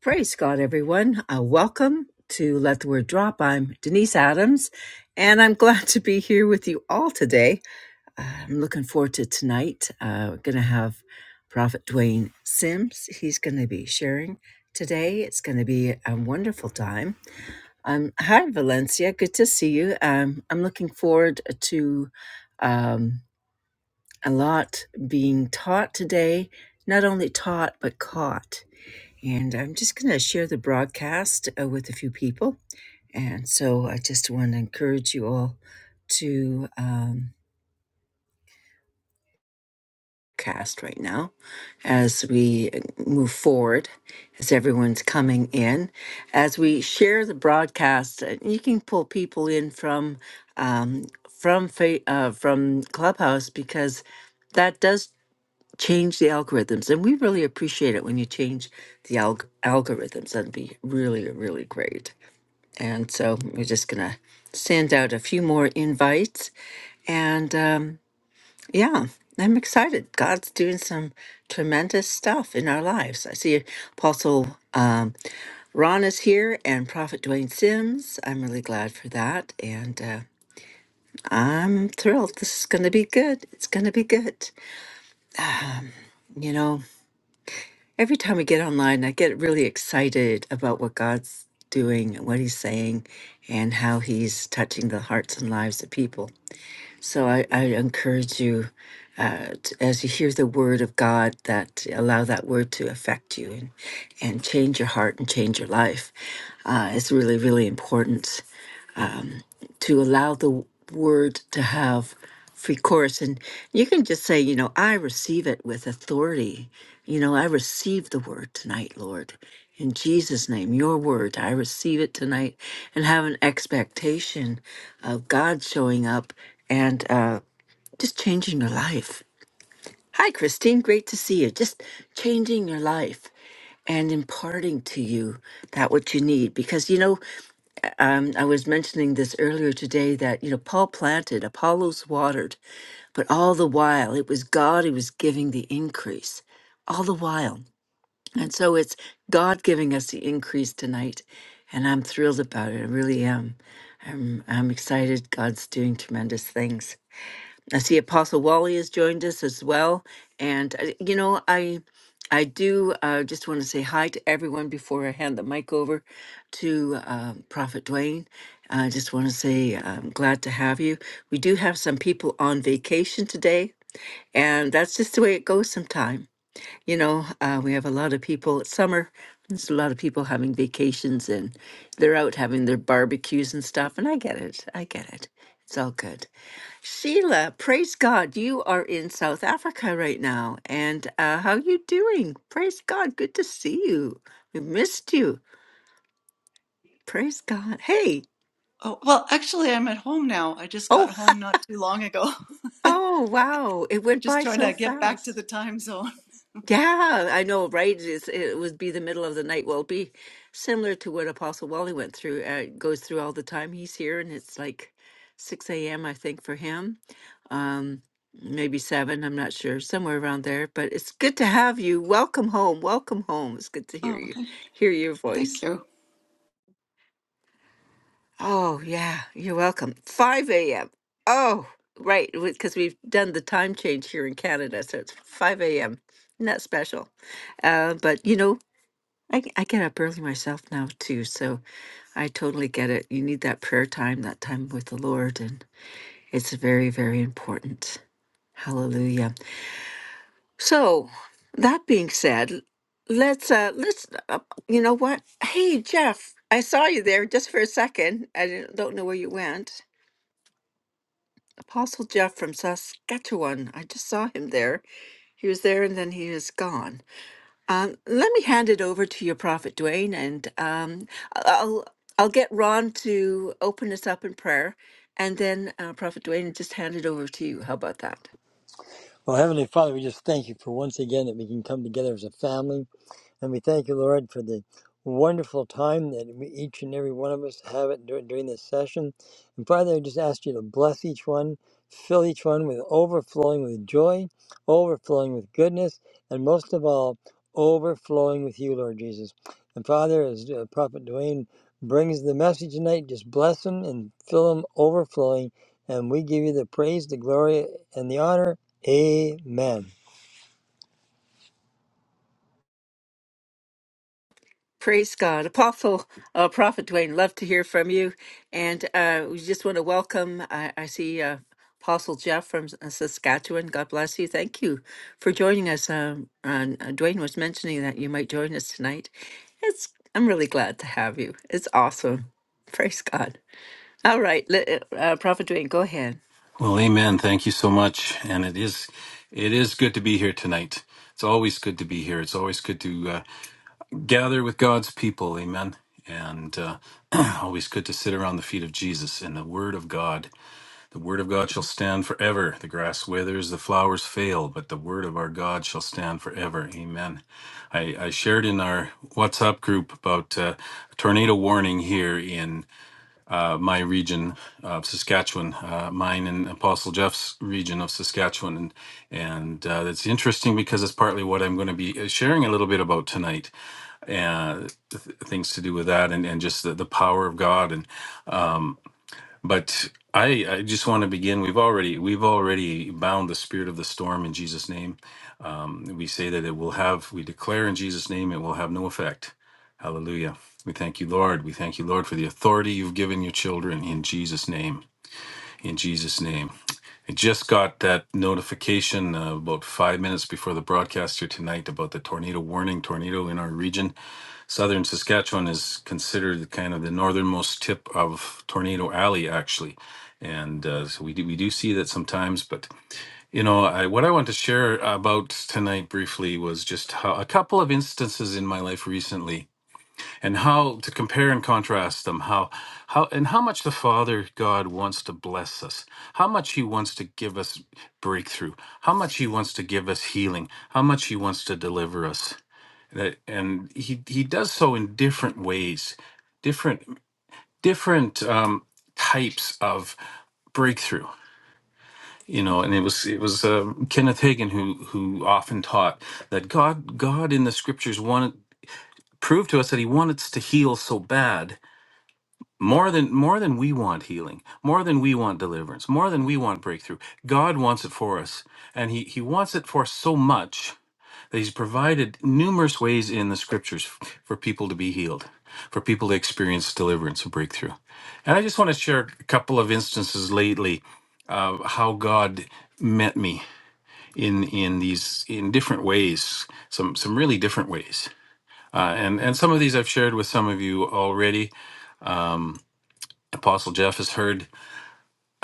Praise God, everyone. Uh, welcome to Let the Word Drop. I'm Denise Adams, and I'm glad to be here with you all today. Uh, I'm looking forward to tonight. Uh, we're going to have Prophet Dwayne Sims. He's going to be sharing today. It's going to be a wonderful time. Um, hi, Valencia. Good to see you. Um, I'm looking forward to um, a lot being taught today, not only taught, but caught and I'm just going to share the broadcast uh, with a few people. And so I just want to encourage you all to um, cast right now as we uh, move forward, as everyone's coming in. As we share the broadcast, uh, you can pull people in from um, from fa- uh, from Clubhouse because that does change the algorithms and we really appreciate it when you change the alg- algorithms that'd be really really great And so we're just going to send out a few more invites. And um, yeah, I'm excited. God's doing some tremendous stuff in our lives. I see Apostle um, Ron is here and Prophet Dwayne Sims. I'm really glad for that. And uh, I'm thrilled. This is going to be good. It's going to be good. You know, every time we get online, I get really excited about what God's doing, what he's saying, and how he's touching the hearts and lives of people. So I, I encourage you, uh, t as you hear the word of God, that allow that word to affect you and, and change your heart and change your life. Uh, it's really, really important to allow the word to have free course. And you can just say, you know, I receive it with authority. You know, I receive the word tonight, Lord. In Jesus' name, your word, I receive it tonight and have an expectation of God showing up and uh, just changing your life. Hi, Christine. Great to see you. Just changing your life and imparting to you that what you need. Because, you know, um, I was mentioning this earlier today that, you know, Paul planted, Apollos watered, but all the while it was God who was giving the increase, all the while. And so it's God giving us the increase tonight. And I'm thrilled about it. I really am. I'm, I'm excited. God's doing tremendous things. I see Apostle Wally has joined us as well. And, uh, you know, I. I do uh, just want to say hi to everyone before I hand the mic over to uh, Prophet Dwayne. I just want to say I'm glad to have you. We do have some people on vacation today, and that's just the way it goes sometime. You know, uh, we have a lot of people, it's summer, there's a lot of people having vacations and they're out having their barbecues and stuff, and I get it. I get it. It's all good. Sheila, praise God, you are in South Africa right now. And uh, how you doing? Praise God, good to see you. We missed you. Praise God. Hey, Oh, well, actually, I'm at home now. I just got oh, home not too long ago. oh, wow, it went Just by trying so to get back to fast. the time zone. Yeah, I know, right? It's, it would be the middle of the night. Well, it'd be similar to what Apostle Wally went through, uh, goes through all the time. He's here, and it's like 6 a.m., I think, for him. Um, maybe 7, I'm not sure, somewhere around there. But it's good to have you. Welcome home. Welcome home. It's good to hear Oh, you, th- hear your thank voice. you. Oh, yeah, you're welcome. 5 a.m. Oh, right, because we've done the time change here in Canada, so it's 5 a.m. Not special. Uh, but you know, I, I get up early myself now too, so I totally get it. You need that prayer time, that time with the Lord, and it's very, very important. Hallelujah. So, that being said, let's uh let's uh, you know what? Hey, Jeff, I saw you there just for a second. I didn't, don't know where you went. Apostle Jeff from Saskatchewan. I just saw him there. He was there and then he is gone. Um, let me hand it over to your prophet, Dwayne, and um, I- will I'll get Ron to open us up in prayer, and then uh, Prophet Dwayne just hand it over to you. How about that? Well, Heavenly Father, we just thank you for once again that we can come together as a family. And we thank you, Lord, for the wonderful time that we, each and every one of us have it dur- during this session. And Father, I just ask you to bless each one, fill each one with overflowing with joy, overflowing with goodness, and most of all, overflowing with you, Lord Jesus. And Father, as uh, Prophet Dwayne brings the message tonight, just bless him and fill him overflowing. And we give you the praise, the glory, and the honor Amen. Praise God, Apostle uh, Prophet Dwayne. Love to hear from you, and uh, we just want to welcome. I, I see uh, Apostle Jeff from S- uh, Saskatchewan. God bless you. Thank you for joining us. Um, and, uh, Dwayne was mentioning that you might join us tonight. It's I'm really glad to have you. It's awesome. Praise God. All right, let, uh, Prophet Dwayne, go ahead. Well, amen. Thank you so much. And it is, it is good to be here tonight. It's always good to be here. It's always good to uh, gather with God's people. Amen. And uh, always good to sit around the feet of Jesus and the Word of God. The Word of God shall stand forever. The grass withers, the flowers fail, but the Word of our God shall stand forever. Amen. I, I shared in our WhatsApp group about uh, a tornado warning here uh, my region of Saskatchewan, uh, mine and Apostle Jeff's region of Saskatchewan, and and uh, it's interesting because it's partly what I'm going to be uh, sharing a little bit about tonight, and th- things to do with that, and and just the, the power of God, and but. I, I just want to begin. We've already we've already bound the spirit of the storm in Jesus' name. Um, we say that it will have. We declare in Jesus' name it will have no effect. Hallelujah. We thank you, Lord. We thank you, Lord, for the authority you've given your children in Jesus' name in Jesus' name. I just got that notification uh, about five minutes before the broadcaster tonight about the tornado warning tornado in our region. Southern Saskatchewan is considered kind of the northernmost tip of Tornado Alley, actually. And uh, so we do, we do see that sometimes, but you know, I, what I want to share about tonight briefly was just how a couple of instances in my life recently and how to compare and contrast them how how and how much the father god wants to bless us how much he wants to give us breakthrough how much he wants to give us healing how much he wants to deliver us That- and he he does so in different ways different different um types of breakthrough you know and it was it was um, kenneth hagin who who often taught that god god in the scriptures wanted proved to us that he wanted us to heal so bad more than more than we want healing more than we want deliverance more than we want breakthrough god wants it for us and he he wants it for us so much that he's provided numerous ways in the scriptures f- for people to be healed for people to experience deliverance and breakthrough and i just want to share a couple of instances lately of how god met me in in these in different ways some some really different ways uh, and and some of these i've shared with some of you already apostle jeff has heard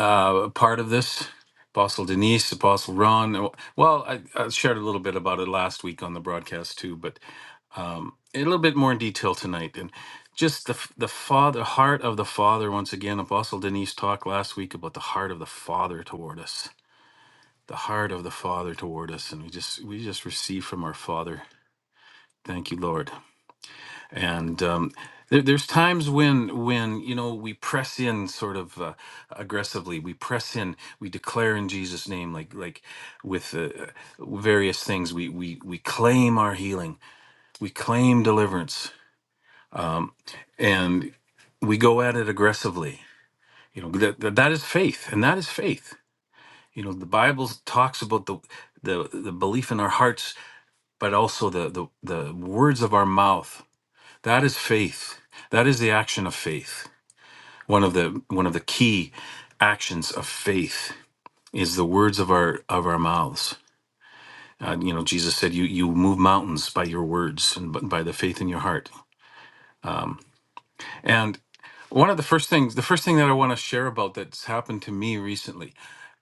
uh, part of this. Apostle Denise, Apostle Ron. Uh, Well, I, I shared a little bit about it last week on the broadcast too, but um, a little bit more in detail tonight. And just the f- the father heart of the father once again. Apostle Denise talked last week about the heart of the father toward us, the heart of the father toward us, and we just we just receive from our father. Thank you, Lord and um, there, there's times when when you know we press in sort of uh, aggressively we press in we declare in jesus name like like with uh, uh, various things we we we claim our healing we claim deliverance and we go at it aggressively you know that that, that is faith and that is faith you know the bible talks about the the, the belief in our hearts but also the, the the words of our mouth that is faith that is the action of faith one of the one of the key actions of faith is the words of our of our mouths uh, you know jesus said you you move mountains by your words and b- by the faith in your heart and one of the first things the first thing that i want to share about that's happened to me recently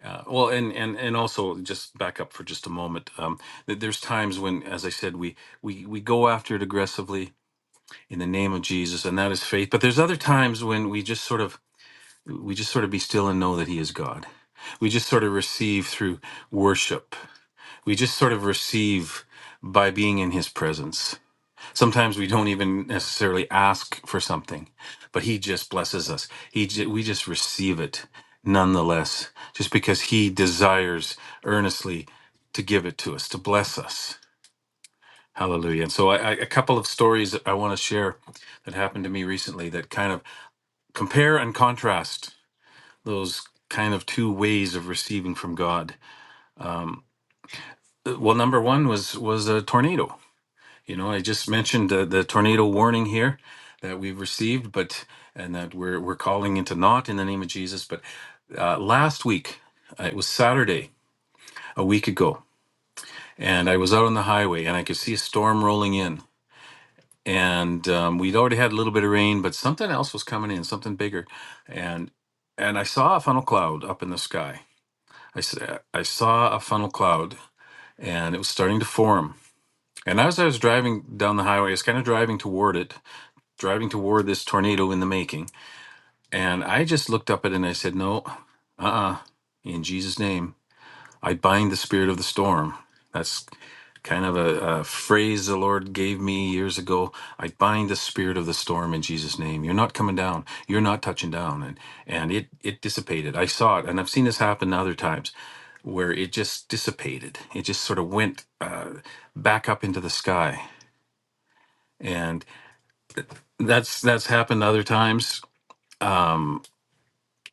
uh, well and and and also just back up for just a moment um, that there's times when as i said we we we go after it aggressively in the name of jesus and that is faith but there's other times when we just sort of we just sort of be still and know that he is god we just sort of receive through worship we just sort of receive by being in his presence sometimes we don't even necessarily ask for something but he just blesses us he ju- we just receive it nonetheless just because he desires earnestly to give it to us to bless us hallelujah and so I, I, a couple of stories that i want to share that happened to me recently that kind of compare and contrast those kind of two ways of receiving from God. Uh, Well, number one was was a tornado. You know, I just mentioned uh, the tornado warning here that we've received, but and that we're we're calling into naught in the name of Jesus. But uh, last week, uh, it was Saturday a week ago, and I was out on the highway and I could see a storm rolling in. And um, we'd already had a little bit of rain, but something else was coming in, something bigger, and and I saw a funnel cloud up in the sky. I, s- uh, I saw a funnel cloud and it was starting to form. And as I was driving down the highway, I was kind of driving toward it, driving toward this tornado in the making. And I just looked up at it and I said, No, uh uh in Jesus' name. I bind the spirit of the storm. That's kind of a, a phrase the Lord gave me years ago. I bind the spirit of the storm in Jesus' name. You're not coming down. You're not touching down. And and it it dissipated. I saw it, and I've seen this happen other times where it just dissipated. It just sort of went uh, back up into the sky, and that's that's happened other times. Um,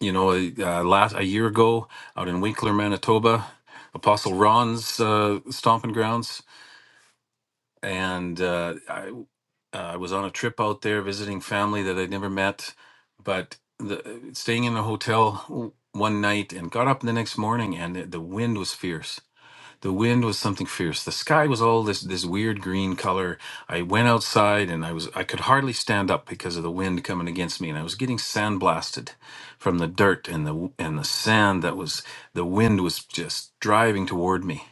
you know, uh, last a year ago out in Winkler, Manitoba, Apostle Ron's uh, stomping grounds and uh, I uh, I was on a trip out there visiting family that I'd never met, but the, staying in a hotel w- one night and got up the next morning and the, the wind was fierce. The wind was something fierce. The sky was all this this weird green color. I went outside and I was I could hardly stand up because of the wind coming against me and I was getting sandblasted from the dirt and the and the sand that was the wind was just driving toward me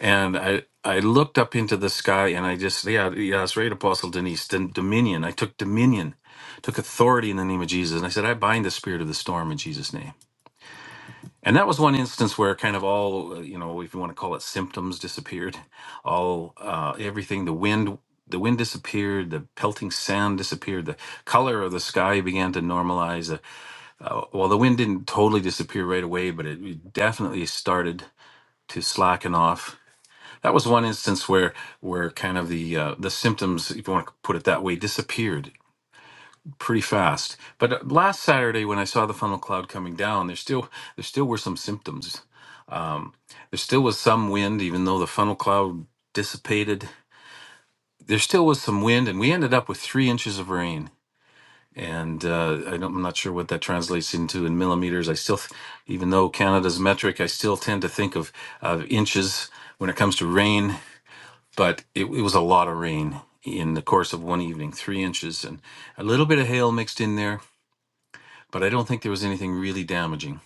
and I I looked up into the sky and I just yeah yeah it's right Apostle Denise then dominion I took dominion took authority in the name of Jesus and I said I bind the spirit of the storm in Jesus name and that was one instance where kind of all uh, you know if you want to call it symptoms disappeared all uh, everything the wind the wind disappeared the pelting sand disappeared the color of the sky began to normalize uh, uh, well the wind didn't totally disappear right away but it definitely started to slacken off that was one instance where where kind of the uh, the symptoms, if you want to put it that way, disappeared pretty fast. But uh, last Saturday, when I saw the funnel cloud coming down, there still there still were some symptoms. There still was some wind, even though the funnel cloud dissipated. There still was some wind, and we ended up with three inches of rain. And uh, I don't, I'm not sure what that translates into in millimeters. I still, th- even though Canada's metric, I still tend to think of of inches when it comes to rain but it, it was a lot of rain in the course of one evening, three inches, and a little bit of hail mixed in there. But I don't think there was anything really damaging.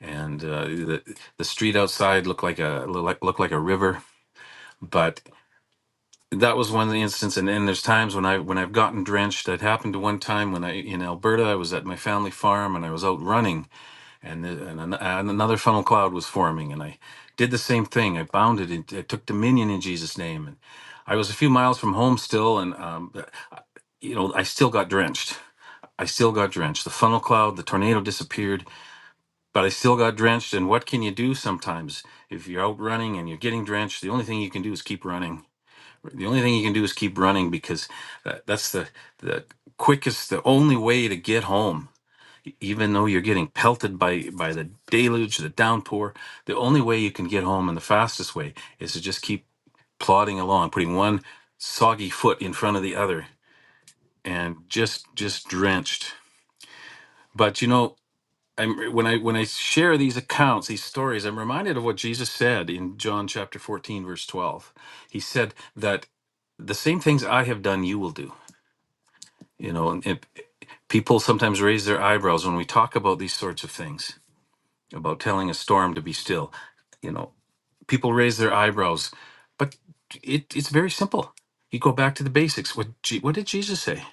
And uh, the the street outside looked like a looked like, looked like a river. But that was one of the instances. And, and there's times when I when I've gotten drenched. That happened to one time when I in Alberta. I was at my family farm and I was out running, and the, and, an, and another funnel cloud was forming and i did the same thing i bound it and i took dominion in jesus name and i was a few miles from home still and um, uh, you know i still got drenched i still got drenched the funnel cloud the tornado disappeared but i still got drenched and what can you do sometimes if you're out running and you're getting drenched the only thing you can do is keep running the only thing you can do is keep running because that, that's the the quickest the only way to get home even though you're getting pelted by by the deluge, the downpour, the only way you can get home and the fastest way is to just keep plodding along, putting one soggy foot in front of the other, and just just drenched. But you know, I'm when I when I share these accounts, these stories, I'm reminded of what Jesus said in John chapter 14, verse 12. He said that the same things I have done, you will do. You know, and, and people sometimes raise their eyebrows when we talk about these sorts of things about telling a storm to be still. You know, people raise their eyebrows, but it, it's very simple. You go back to the basics. What, Je- what did Jesus say?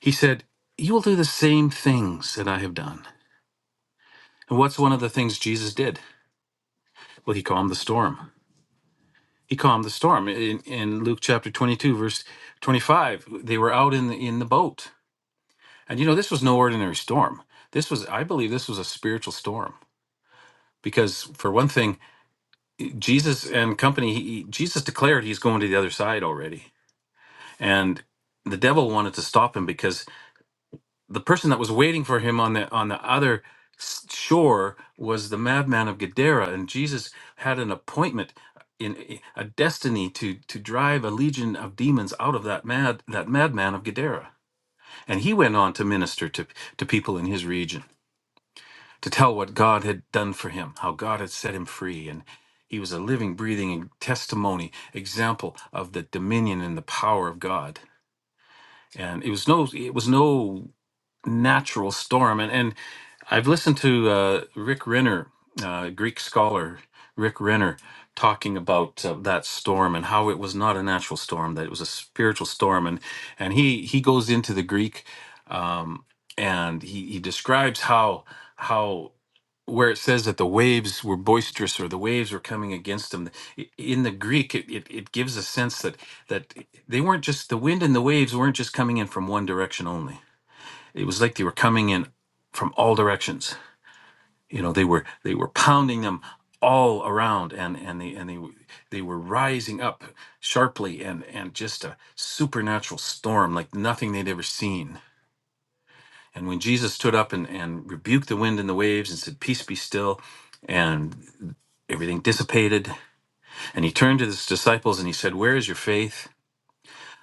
He said, You will do the same things that I have done. And what's one of the things Jesus did? Well, he calmed the storm. He calmed the storm. In, in Luke chapter 22, verse 25, they were out in the, in the boat. And you know, this was no ordinary storm. This was, I believe, this was a spiritual storm. Because for one thing, Jesus and company, he, Jesus declared he's going to the other side already. And the devil wanted to stop him because the person that was waiting for him on the on the other s- shore was the madman of Gadara and Jesus had an appointment in a destiny to to drive a legion of demons out of that mad that madman of Gadara. And he went on to minister to to people in his region to tell what God had done for him, how God had set him free. And he was a living, breathing testimony, example of the dominion and the power of God. And it was no, it was no natural storm. And, and. I've listened to uh, Rick Renner, uh, Greek scholar Rick Renner, talking about uh, that storm and how it was not a natural storm, that it was a spiritual storm, and and he he goes into the Greek, um, and he he describes how how where it says that the waves were boisterous or the waves were coming against them i- in the greek it, it, it gives a sense that that they weren't just the wind and the waves weren't just coming in from one direction only it was like they were coming in from all directions you know they were they were pounding them all around and and they and they w- they were rising up sharply and and just a supernatural storm like nothing they'd ever seen and when jesus stood up and and rebuked the wind and the waves and said peace be still and everything dissipated and he turned to his disciples and he said where is your faith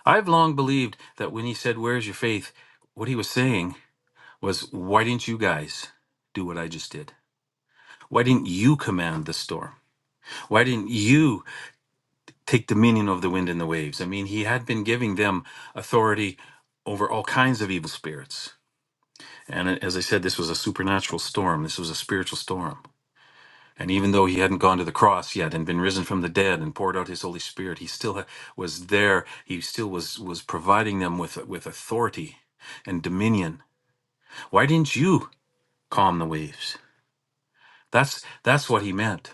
i've long believed that when he said where is your faith what he was saying was why didn't you guys do what i just did why didn't you command the storm Why didn't you take dominion of the wind and the waves? I mean, he had been giving them authority over all kinds of evil spirits. And uh, as I said, this was a supernatural storm, this was a spiritual storm. And even though he hadn't gone to the cross yet and been risen from the dead and poured out his Holy Spirit, he still ha- was there. He still was was providing them with with authority and dominion. Why didn't you calm the waves? That's that's what he meant.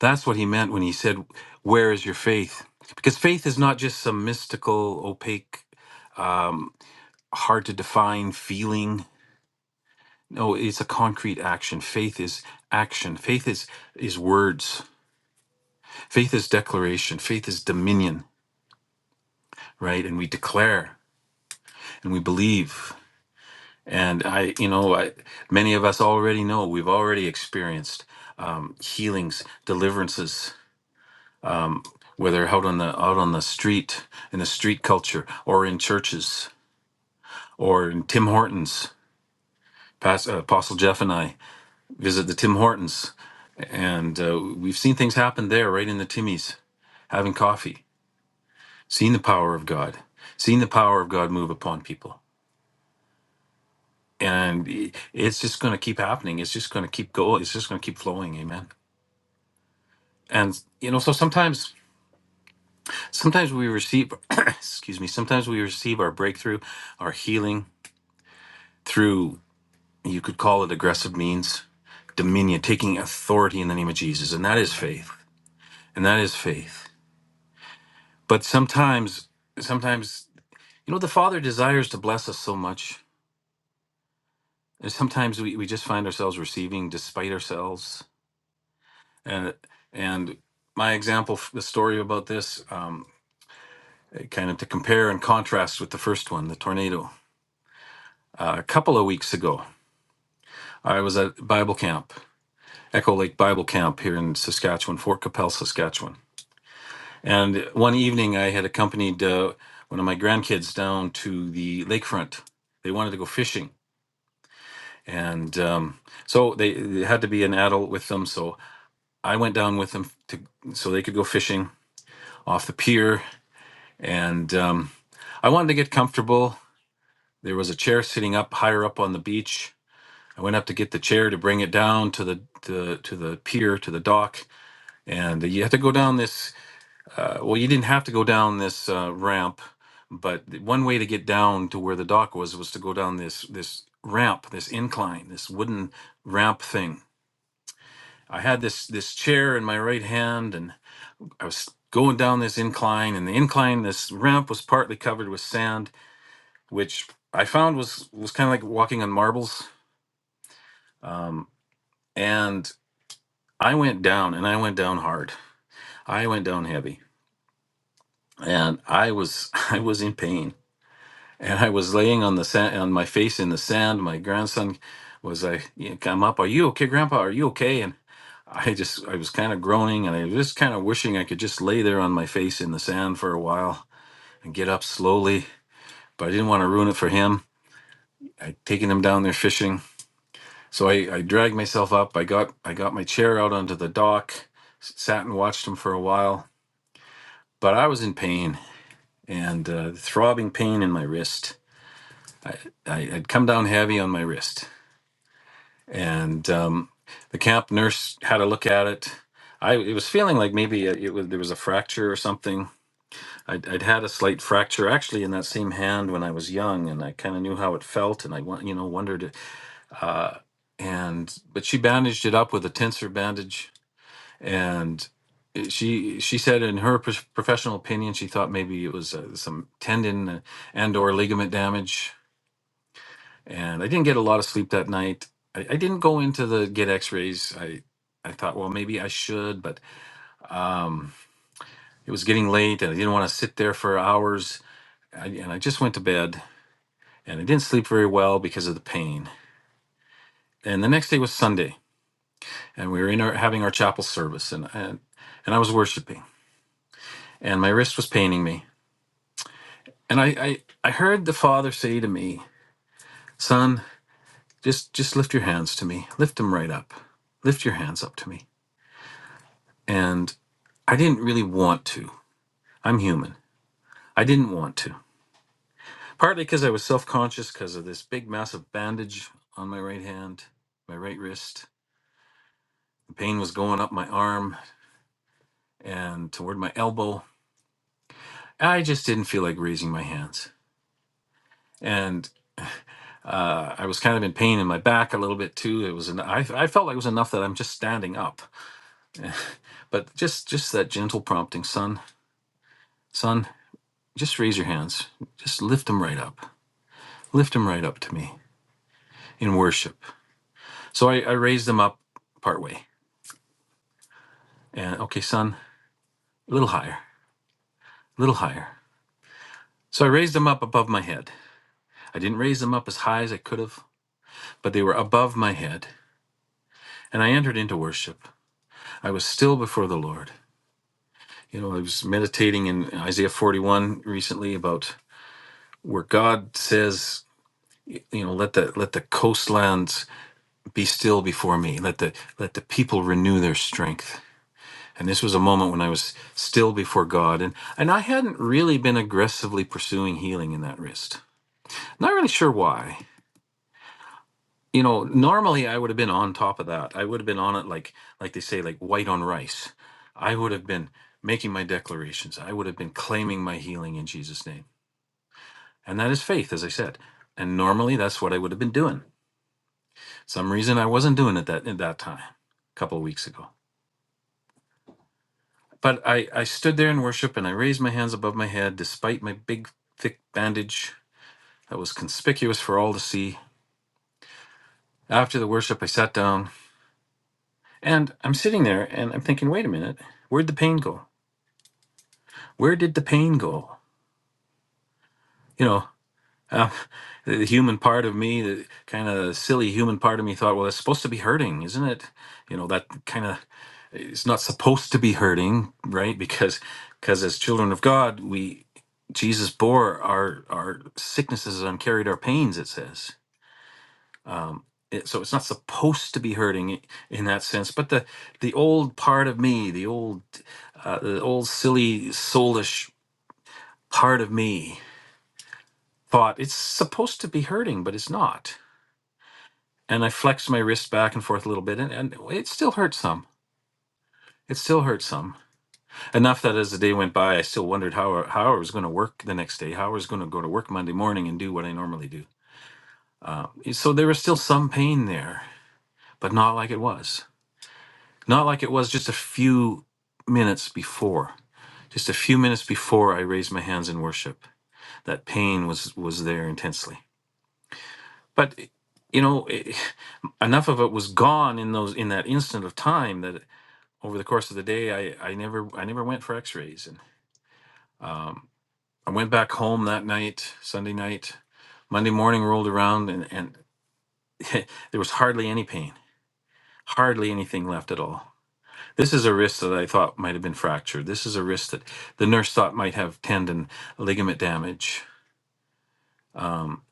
That's what he meant when he said, Where is your faith? Because faith is not just some mystical, opaque, um, hard to define feeling. No, it's a concrete action. Faith is action. Faith is, is words. Faith is declaration. Faith is dominion, right? And we declare and we believe. And I, you know, I, many of us already know, we've already experienced um, healings, deliverances, whether out on the out on the street in the street culture or in churches. or in Tim Hortons. Pas- uh, Apostle Jeff and I visit the Tim Hortons, and uh, we've seen things happen there, right in the Timmies, having coffee, seeing the power of God, seeing the power of God move upon people. And i- it's just going to keep happening. It's just going to keep going. It's just going to keep flowing. Amen. And you know, so sometimes, sometimes we receive, excuse me, sometimes we receive our breakthrough, our healing through you could call it aggressive means, dominion, taking authority in the name of Jesus, and that is faith and that is faith. But sometimes, sometimes, you know, the Father desires to bless us so much, and sometimes we, we just find ourselves receiving despite ourselves. And and my example, the story about this, um, kind of to compare and contrast with the first one, the tornado. Uh, a couple of weeks ago, I was at Bible camp, Echo Lake Bible Camp here in Saskatchewan, Fort Capel, Saskatchewan. And one evening, I had accompanied uh, one of my grandkids down to the lakefront. They wanted to go fishing and um, so they, they had to be an adult with them. So I went down with them to so they could go fishing off the pier, and um, I wanted to get comfortable. There was a chair sitting up higher up on the beach. I went up to get the chair to bring it down to the to, to the pier to the dock, and you had to go down this. Uh, well, you didn't have to go down this uh, ramp, but the one way to get down to where the dock was was to go down this this ramp, this incline, this wooden ramp thing I had this this chair in my right hand, and I was going down this incline. And the incline, this ramp was partly covered with sand, which I found was was kind of like walking on marbles. Um, and I went down, and I went down hard. I went down heavy, and I was I was in pain. And I was laying on the sand, on my face in the sand. My grandson was, I, you know, come up. Are you okay, Grandpa? Are you okay? And I just I was kind of groaning and I was just kind of wishing I could just lay there on my face in the sand for a while and get up slowly, but I didn't want to ruin it for him. I'd taken him down there fishing. So I, I dragged myself up. I got I got my chair out onto the dock, s- sat and watched him for a while. But I was in pain and uh, throbbing pain in my wrist. I, I had come down heavy on my wrist, and um, the camp nurse had a look at it. I it was feeling like maybe it was there was a fracture or something I'd, I'd had a slight fracture actually in that same hand when I was young, and I kind of knew how it felt, and I wa- you know wondered, uh, and but she bandaged it up with a tensor bandage, and it- she she said in her pr- professional opinion she thought maybe it was uh, some tendon and or ligament damage, and I didn't get a lot of sleep that night. I, I didn't go into the get X-rays. I I thought well maybe I should, but um, it was getting late, and I didn't want to sit there for hours. I, and I just went to bed and I didn't sleep very well because of the pain. And the next day was Sunday, and we were in our having our chapel service, and and, and I was worshiping, and my wrist was paining me, and I, I I heard the Father say to me, "Son, just just lift your hands to me, lift them right up, lift your hands up to me." And I didn't really want to. I'm human. I didn't want to, partly because I was self conscious because of this big massive bandage on my right hand, my right wrist. The pain was going up my arm and toward my elbow I just didn't feel like raising my hands, and uh, I was kind of in pain in my back a little bit too. It was an, I, I felt like it was enough that I'm just standing up, but just just that gentle prompting, son, son, just raise your hands, just lift them right up, lift them right up to me in worship. So I, I raised them up partway, and okay, son, a little higher, a little higher. So I raised them up above my head. I didn't raise them up as high as I could have, but they were above my head, and I entered into worship. I was still before the Lord. You know, I was meditating in Isaiah 41 recently about where God says, you know, let the let the coastlands be still before me. Let the let the people renew their strength. And this was a moment when I was still before God and and I hadn't really been aggressively pursuing healing in that wrist. Not really sure why you know normally i would have been on top of that i would have been on it like like they say like white on rice i would have been making my declarations i would have been claiming my healing in jesus name and that is faith as i said and normally that's what i would have been doing some reason i wasn't doing it that at that time a couple of weeks ago but i i stood there in worship and i raised my hands above my head despite my big thick bandage that was conspicuous for all to see after the worship i sat down and i'm sitting there and i'm thinking wait a minute where'd the pain go where did the pain go? You know, um, the human part of me, the kind of silly human part of me thought, well, it's supposed to be hurting, isn't it? You know, that kind of, it's not supposed to be hurting, right? Because, because as children of God, we, Jesus bore our, our sicknesses and carried our pains, it says. Um, it, so it's not supposed to be hurting i- in that sense, but the the old part of me, the old uh, the old silly soulish part of me thought it's supposed to be hurting, but it's not. And I flexed my wrist back and forth a little bit, and, and it still hurt some. It still hurt some enough that as the day went by, I still wondered how how I was going to work the next day, how I was going to go to work Monday morning and do what I normally do. Uh, so there was still some pain there, but not like it was, not like it was just a few minutes before. Just a few minutes before I raised my hands in worship, that pain was was there intensely. But you know. it, enough of it was gone in those in that instant of time that over the course of the day I I never I never went for X-rays and um, I went back home that night Sunday night Monday morning rolled around and and there was hardly any pain hardly anything left at all this is a wrist that I thought might have been fractured this is a wrist that the nurse thought might have tendon ligament damage um,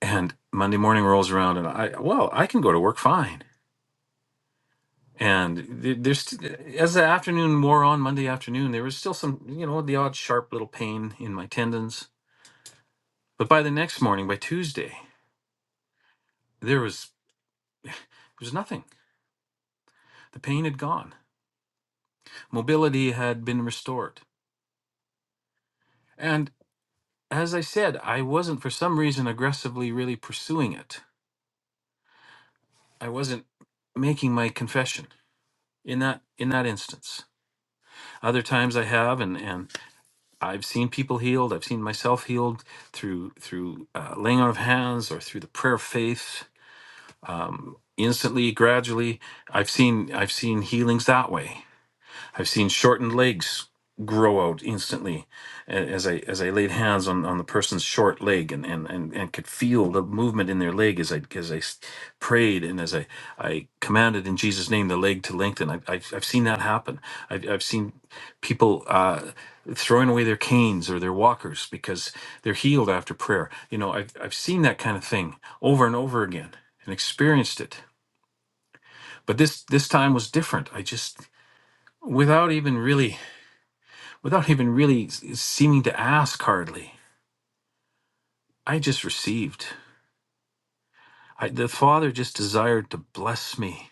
and Monday morning rolls around and I well I can go to work fine And th- there's st- as the afternoon wore on Monday afternoon, there was still some, you know, the odd sharp little pain in my tendons. But by the next morning, by Tuesday, there was there was nothing. The pain had gone. Mobility had been restored. And as I said, I wasn't for some reason aggressively really pursuing it. I wasn't making my confession in that in that instance. Other times I have and and I've seen people healed. I've seen myself healed through through uh, laying on of hands or through the prayer of faith. Instantly, gradually, I've seen I've seen healings that way I've seen shortened legs grow out instantly a- as I as I laid hands on, on the person's short leg and, and, and, and could feel the movement in their leg as I as I s- prayed and as I, I commanded in Jesus name the leg to lengthen I, I've, I've seen that happen I've, I've seen people uh, throwing away their canes or their walkers because they're healed after prayer you know I've, I've seen that kind of thing over and over again and experienced it but this this time was different I just without even really without even really s- seeming to ask hardly. I just received. I, the Father just desired to bless me.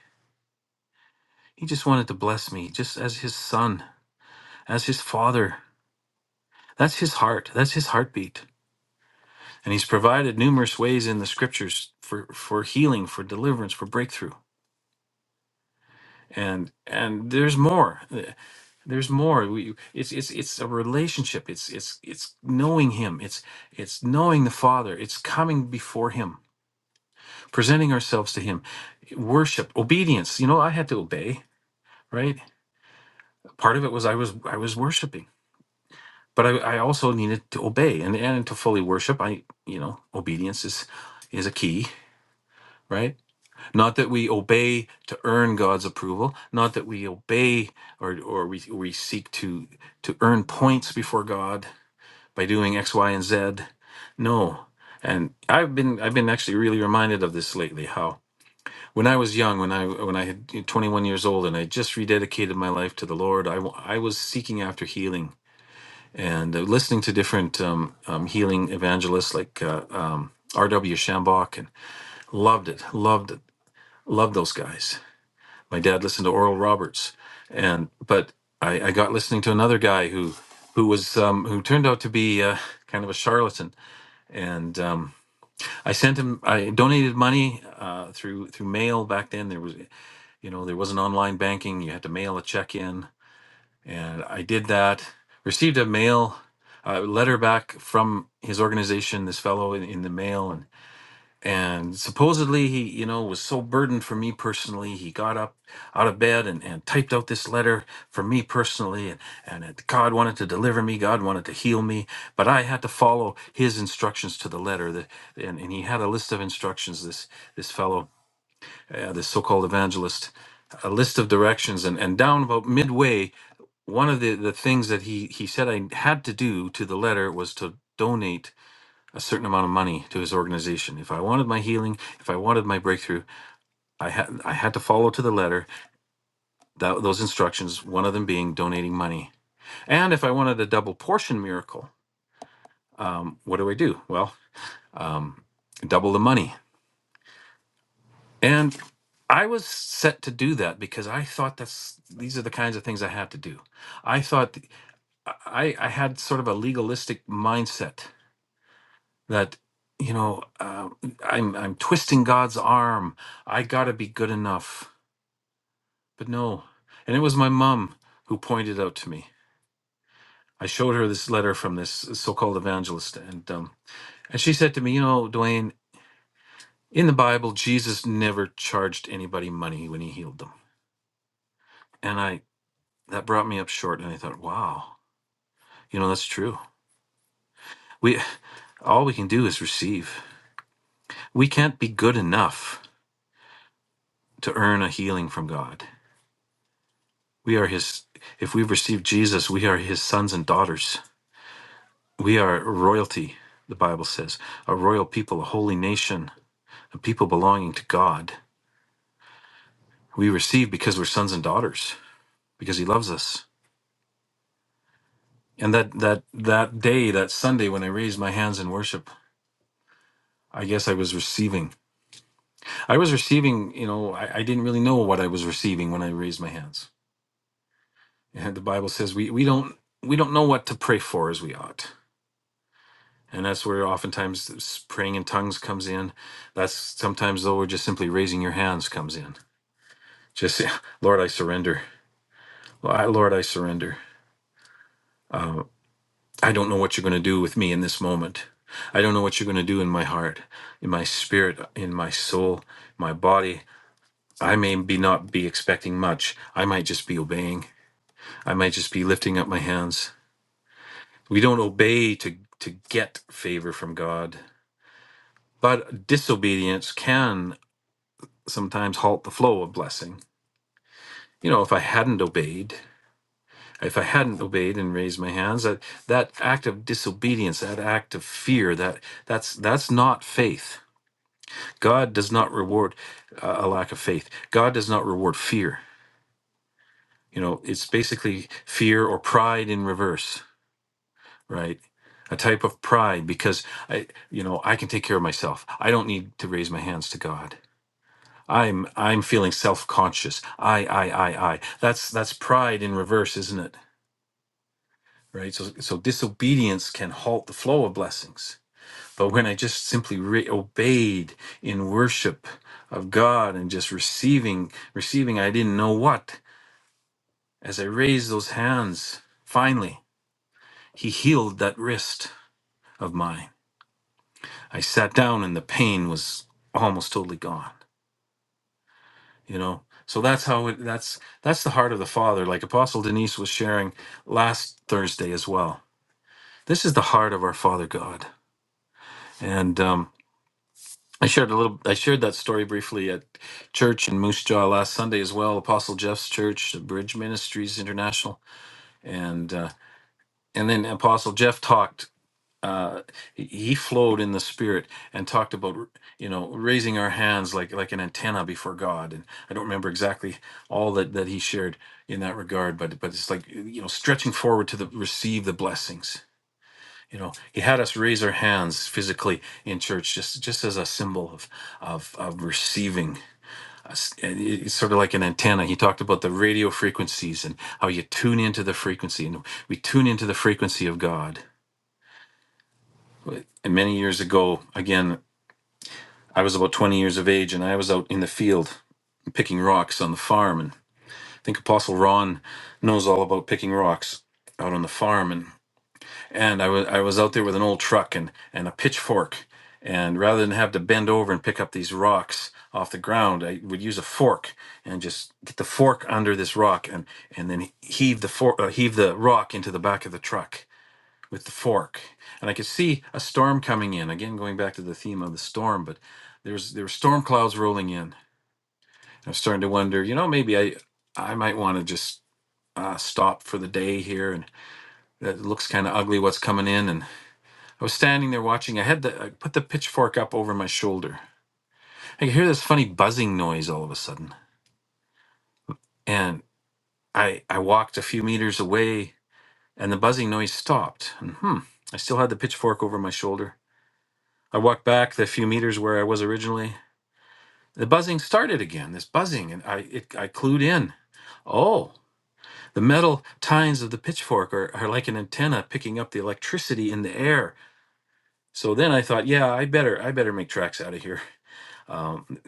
He just wanted to bless me, just as His Son, as His Father. That's His heart. That's His heartbeat. And He's provided numerous ways in the Scriptures for for healing, for deliverance, for breakthrough. And and there's more. There's more. We, it's it's it's a relationship. It's it's it's knowing Him. It's it's knowing the Father. It's coming before Him presenting ourselves to him worship obedience you know i had to obey right part of it was i was i was worshiping but i, I also needed to obey and and to fully worship i you know obedience is is a key right not that we obey to earn god's approval not that we obey or or we, we seek to to earn points before god by doing x y and z no and i've been i've been actually really reminded of this lately when I was young, when I when I had 21 years old, and I just rededicated my life to the Lord, I wa- I was seeking after healing and uh, listening to different um, um, healing evangelists like uh, um, R.W. Shambach, and loved it, loved it, loved those guys. My dad listened to Oral Roberts, and but I, I got listening to another guy who who was um, who turned out to be uh, kind of a charlatan, and um, I sent him. I donated money uh, through through mail back then. There was you know there wasn't online banking you had to mail a check in and i did that received a mail a letter back from his organization this fellow in, in the mail and and supposedly he you know was so burdened for me personally he got up out of bed and, and typed out this letter for me personally and, and it, god wanted to deliver me god wanted to heal me but i had to follow his instructions to the letter that, and, and he had a list of instructions this this fellow uh, the so-called evangelist, a list of directions, and and down about midway, one of the the things that he he said I had to do to the letter was to donate a certain amount of money to his organization. If I wanted my healing, if I wanted my breakthrough, I had I had to follow to the letter that, those instructions. One of them being donating money, and if I wanted a double portion miracle, um, what do I do? Well. Um, double the money And I was set to do that because I thought that's these are the kinds of things I have to do. I thought th- I I had sort of a legalistic mindset that you know uh, I'm I'm twisting God's arm. I got to be good enough. But no, and it was my mom who pointed out to me. I showed her this letter from this so-called evangelist, and um, and she said to me, you know, Dwayne, in the Bible, Jesus never charged anybody money when he healed them. And I that brought me up short and i thought wow you know that's true we all we can do is receive we can't be good enough to earn a healing from god we are his if we've received jesus we are his sons and daughters we are royalty the bible says a royal people a holy nation a people belonging to god we receive because we're sons and daughters because he loves us and that that that day that sunday when i raised my hands in worship i guess i was receiving I was receiving, you know, I, I didn't really know what I was receiving when I raised my hands. And the Bible says we, we don't we don't know what to pray for as we ought. And that's where oftentimes this praying in tongues comes in. That's sometimes though we're just simply raising your hands comes in. Just say, Lord, I surrender. Lord, I Lord, I surrender. Uh, I don't know what you're going to do with me in this moment. I don't know what you're going to do in my heart, in my spirit, in my soul, my body. I may be not be expecting much. I might just be obeying I might just be lifting up my hands. We don't obey to to get favor from God, but disobedience can sometimes halt the flow of blessing. You know, if I hadn't obeyed, if I hadn't obeyed and raised my hands, that that act of disobedience, that act of fear, that that's that's not faith. God does not reward uh, a lack of faith. God does not reward fear. You know, it's basically fear or pride in reverse right? A type of pride because I, you know, I can take care of myself. I don't need to raise my hands to God. I'm I'm feeling self-conscious. I I I I. That's that's pride in reverse, isn't it? Right. So so disobedience can halt the flow of blessings. But when I just simply re- obeyed in worship of God and just receiving receiving, I didn't know what. As I raised those hands, finally, He healed that wrist of mine I sat down and the pain was almost totally gone, you know? So that's how it that's that's the heart of the Father, like Apostle Denise was sharing last Thursday as well. This is the heart of our Father God. And um I shared a little I shared that story briefly at church in Moose Jaw last Sunday as well, Apostle Jeff's church, the Bridge Ministries International. And uh and then Apostle Jeff talked uh, he he flowed in the spirit and talked about you know raising our hands like like an antenna before God and I don't remember exactly all that that he shared in that regard but but it's like you know stretching forward to the receive the blessings you know he had us raise our hands physically in church just just as a symbol of of of receiving us and it- it's sort of like an antenna he talked about the radio frequencies and how you tune into the frequency and we tune into the frequency of God and many years ago, again, I was about 20 years of age and I was out in the field picking rocks on the farm. And I think Apostle Ron knows all about picking rocks out on the farm. And, and I, was, I was out there with an old truck and, and a pitchfork. And rather than have to bend over and pick up these rocks off the ground, I would use a fork and just get the fork under this rock and, and then heave the, for, uh, heave the rock into the back of the truck with the fork and i could see a storm coming in again going back to the theme of the storm but there's there were storm clouds rolling in i was starting to wonder you know maybe i i might want to just uh, stop for the day here and that looks kind of ugly what's coming in and i was standing there watching i had the i put the pitchfork up over my shoulder i could hear this funny buzzing noise all of a sudden and i i walked a few meters away and the buzzing noise stopped and hmm i still had the pitchfork over my shoulder I walked back the few meters where I was originally, The buzzing started again, this buzzing, and I, it, I clued in. Oh, the metal tines of the pitchfork are, are like an antenna picking up the electricity in the air. So then I thought, yeah, I better, I better make tracks out of here. Um,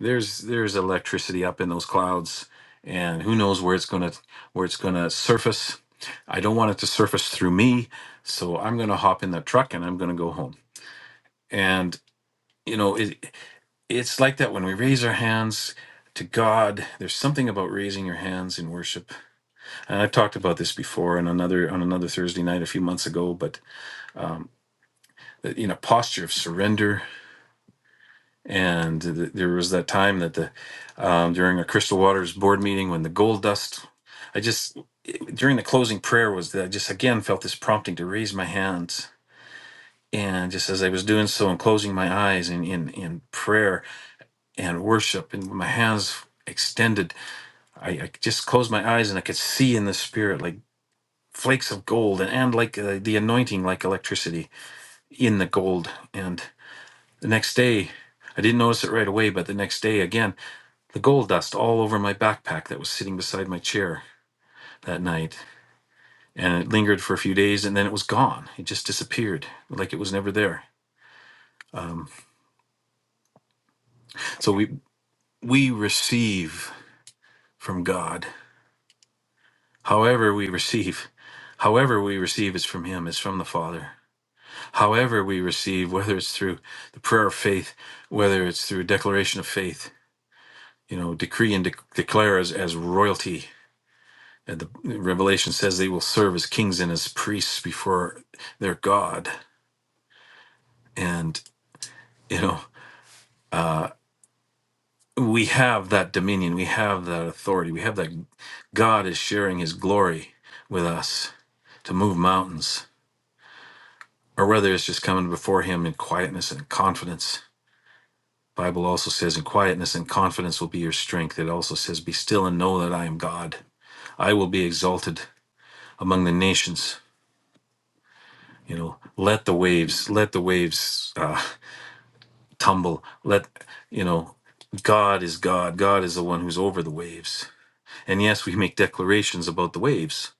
there's, there's electricity up in those clouds, and who knows where it's gonna, where it's gonna surface. I don't want it to surface through me, so I'm gonna hop in the truck and I'm gonna go home. And you know, it. it's like that when we raise our hands to God. There's something about raising your hands in worship, and I've talked about this before on another on another Thursday night a few months ago. But um, that, you know, posture of surrender, and th- there was that time that the um, during a Crystal Waters board meeting when the gold dust. I just during the closing prayer was that I just again felt this prompting to raise my hands. And just as I was doing so and closing my eyes in, in, in prayer and worship and my hands extended I, I just closed my eyes and I could see in the spirit like flakes of gold and, and like uh, the anointing, like electricity in the gold. And the next day, I didn't notice it right away, but the next day again, the gold dust all over my backpack that was sitting beside my chair that night. And it lingered for a few days and then it was gone. It just disappeared like it was never there. Um, so we, we receive from God. However, we receive, however, we receive is from Him, is from the Father however we receive, whether it's through the prayer of faith, whether it's through declaration of faith, you know, decree and de- declare as, as royalty. And the Revelation says they will serve as kings and as priests before their God. And, you know, we have that dominion, we have that authority, we have that God is sharing his glory with us to move mountains, or whether it's just coming before him in quietness and confidence Bible also says, "In quietness and confidence will be your strength." It also says, "Be still and know that I am God. I will be exalted among the nations." You know, let the waves, let the waves uh, tumble. Let you know, God is God. God is the one who's over the waves. And yes, we make declarations about the waves.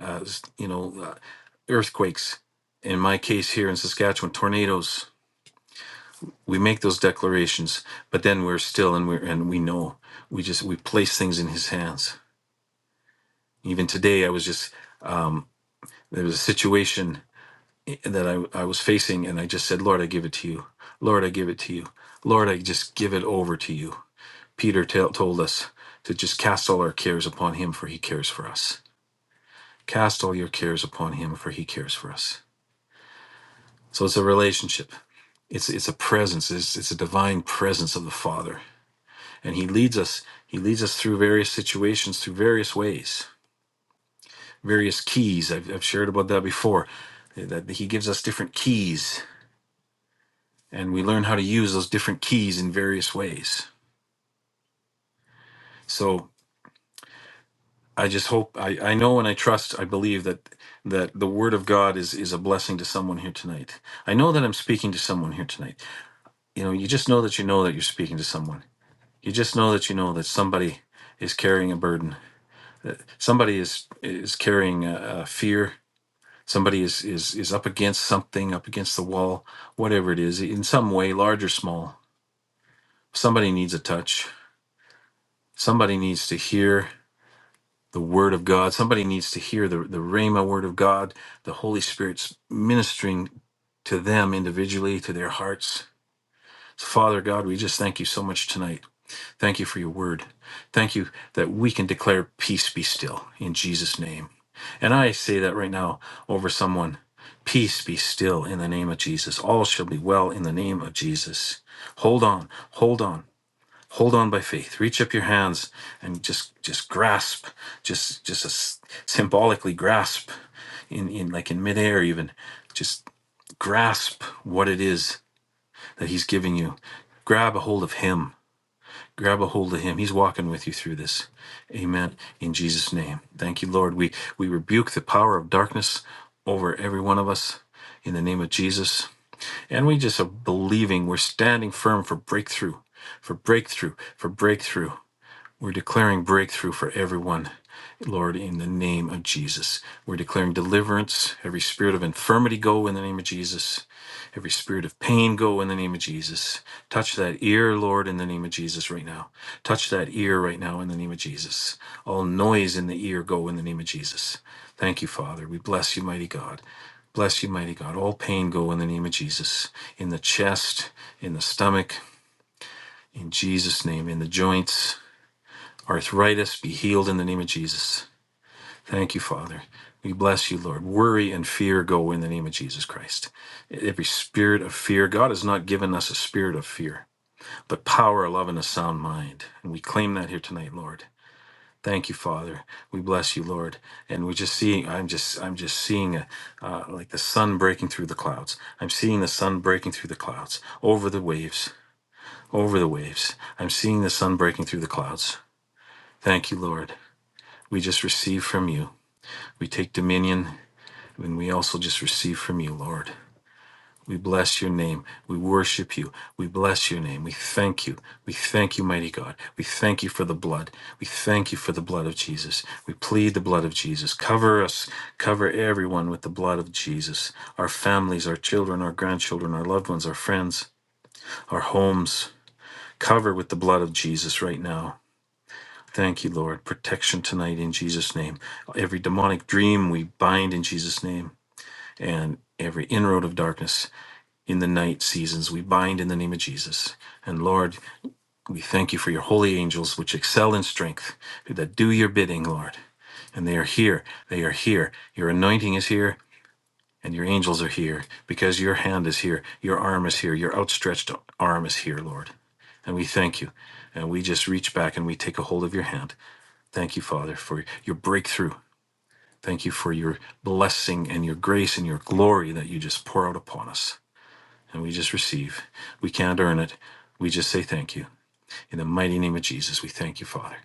Uh, s- you know, uh, earthquakes. In my case here in Saskatchewan, tornadoes. We make those declarations, but then we're still and we are and we know. We just we place things in His hands Even today, I was just, um, there was a situation that I, I was facing, and I just said, Lord, I give it to you. Lord, I give it to you. Lord, I just give it over to you. Peter tell told us to just cast all our cares upon him, for he cares for us. Cast all your cares upon him, for he cares for us. So it's a relationship it's it's a presence it's, it's a divine presence of the father and he leads us he leads us through various situations through various ways various keys. I've, I've shared about that before. eh, That he gives us different keys, and we learn how to use those different keys in various ways. So I just hope I, I know and I trust I believe that that the word of God is is a blessing to someone here tonight. I know that I'm speaking to someone here tonight. You know, you just know that you know that you're speaking to someone. You just know that you know that somebody is carrying a burden. that Somebody is is carrying a, a fear somebody is is is up against something up against the wall whatever it is in some way large or small somebody needs a touch somebody needs to hear the word of god somebody needs to hear the the rhema word of god the holy spirit's ministering to them individually to their hearts so father god we just thank you so much tonight thank you for your word thank you that we can declare peace be still in jesus name And I say that right now over someone. Peace be still in the name of Jesus. All shall be well in the name of Jesus. Hold on, hold on, hold on by faith. Reach up your hands and just just grasp, just just a s- symbolically grasp in in like in midair even. Just grasp what it is that He's giving you. Grab a hold of Him grab a hold of him he's walking with you through this amen in jesus name thank you lord we we rebuke the power of darkness over every one of us in the name of jesus and we just are believing we're standing firm for breakthrough for breakthrough for breakthrough we're declaring breakthrough for everyone, Lord, in the name of Jesus. We're declaring deliverance. Every spirit of infirmity go in the name of Jesus. Every spirit of pain go in the name of Jesus. Touch that ear, Lord, in the name of Jesus right now. Touch that ear right now in the name of Jesus. All noise in the ear go in the name of Jesus. Thank you, Father. We bless you, mighty God. Bless you, mighty God. All pain go in the name of Jesus. In the chest, in the stomach, in Jesus' name, in the joints Arthritis be healed in the name of Jesus. Thank you, Father. We bless you, Lord. Worry and fear go in the name of Jesus Christ. Every spirit of fear, God has not given us a spirit of fear, but power, love, and a sound mind. And we claim that here tonight, Lord. Thank you, Father. We bless you, Lord. And we're just seeing. I'm just. I'm just seeing a, uh, like the sun breaking through the clouds. I'm seeing the sun breaking through the clouds over the waves. Over the waves. I'm seeing the sun breaking through the clouds. Thank you, Lord. We just receive from you. We take dominion and we also just receive from you, Lord. We bless your name. We worship you. We bless your name. We thank you. We thank you, mighty God. We thank you for the blood. We thank you for the blood of Jesus. We plead the blood of Jesus. Cover us. Cover everyone with the blood of Jesus. Our families, our children, our grandchildren, our loved ones, our friends, our homes. Cover with the blood of Jesus right now. Thank you, Lord. Protection tonight in Jesus' name. Every demonic dream we bind in Jesus' name, and every inroad of darkness in the night seasons we bind in the name of Jesus. And Lord, we thank you for your holy angels, which excel in strength, that do your bidding, Lord. And they are here. They are here. Your anointing is here, and your angels are here because your hand is here, your arm is here, your outstretched arm is here, Lord. And we thank you. And we just reach back and we take a hold of your hand Thank you, Father, for your breakthrough. Thank you for your blessing and your grace and your glory that you just pour out upon us. And we just receive. We can't earn it. We just say thank you. In the mighty name of Jesus, we thank you, Father.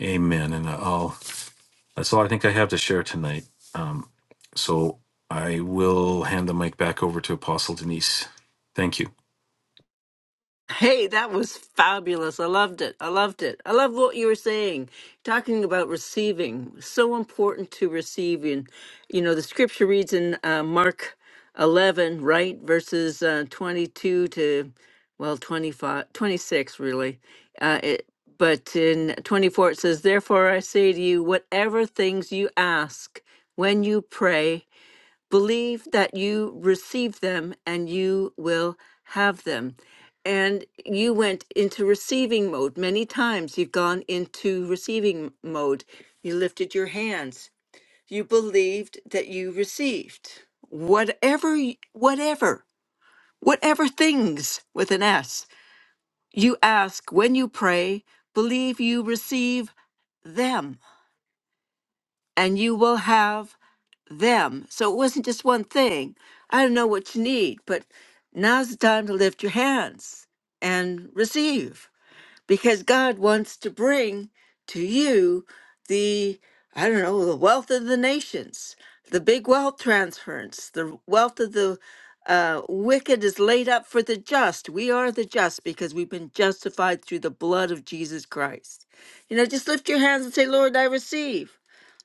Amen. And uh, I'll, that's all I think I have to share tonight. So I will hand the mic back over to Apostle Denise. Thank you. Hey, that was fabulous. I loved it. I loved it. I love what you were saying, talking about receiving. So important to receive. And, you know, the scripture reads in uh, Mark 11, right? Verses uh, 22 to, well, 25, 26, really. Uh, it, but in 24, it says, Therefore I say to you, whatever things you ask when you pray, Believe that you receive them and you will have them. And you went into receiving mode many times. You've gone into receiving mode. You lifted your hands. You believed that you received whatever, y- whatever, whatever things with an S you ask when you pray, believe you receive them and you will have them. So it wasn't just one thing. I don't know what you need, but now's the time to lift your hands and receive because God wants to bring to you the, I don't know, the wealth of the nations, the big wealth transference, the wealth of the uh, wicked is laid up for the just. We are the just because we've been justified through the blood of Jesus Christ. You know, just lift your hands and say, Lord, I receive.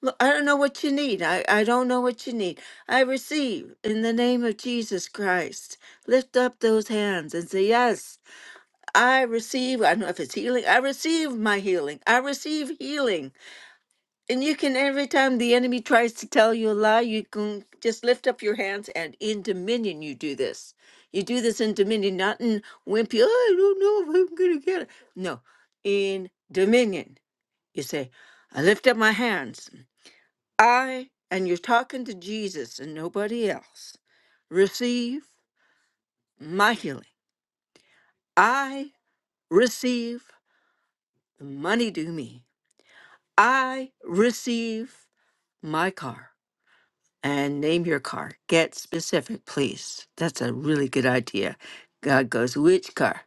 Well, I don't know what you need. I, I don't know what you need. I receive in the name of Jesus Christ. Lift up those hands and say, Yes, I receive. I don't know if it's healing. I receive my healing. I receive healing. And you can, every time the enemy tries to tell you a lie, you can just lift up your hands and in dominion you do this. You do this in dominion, not in wimpy, oh, I don't know if I'm going to get it. No, in dominion. You say, I lift up my hands. I, and you're talking to Jesus and nobody else, receive my healing. I receive the money due me. I receive my car. And name your car. Get specific, please. That's a really good idea. God goes, which car?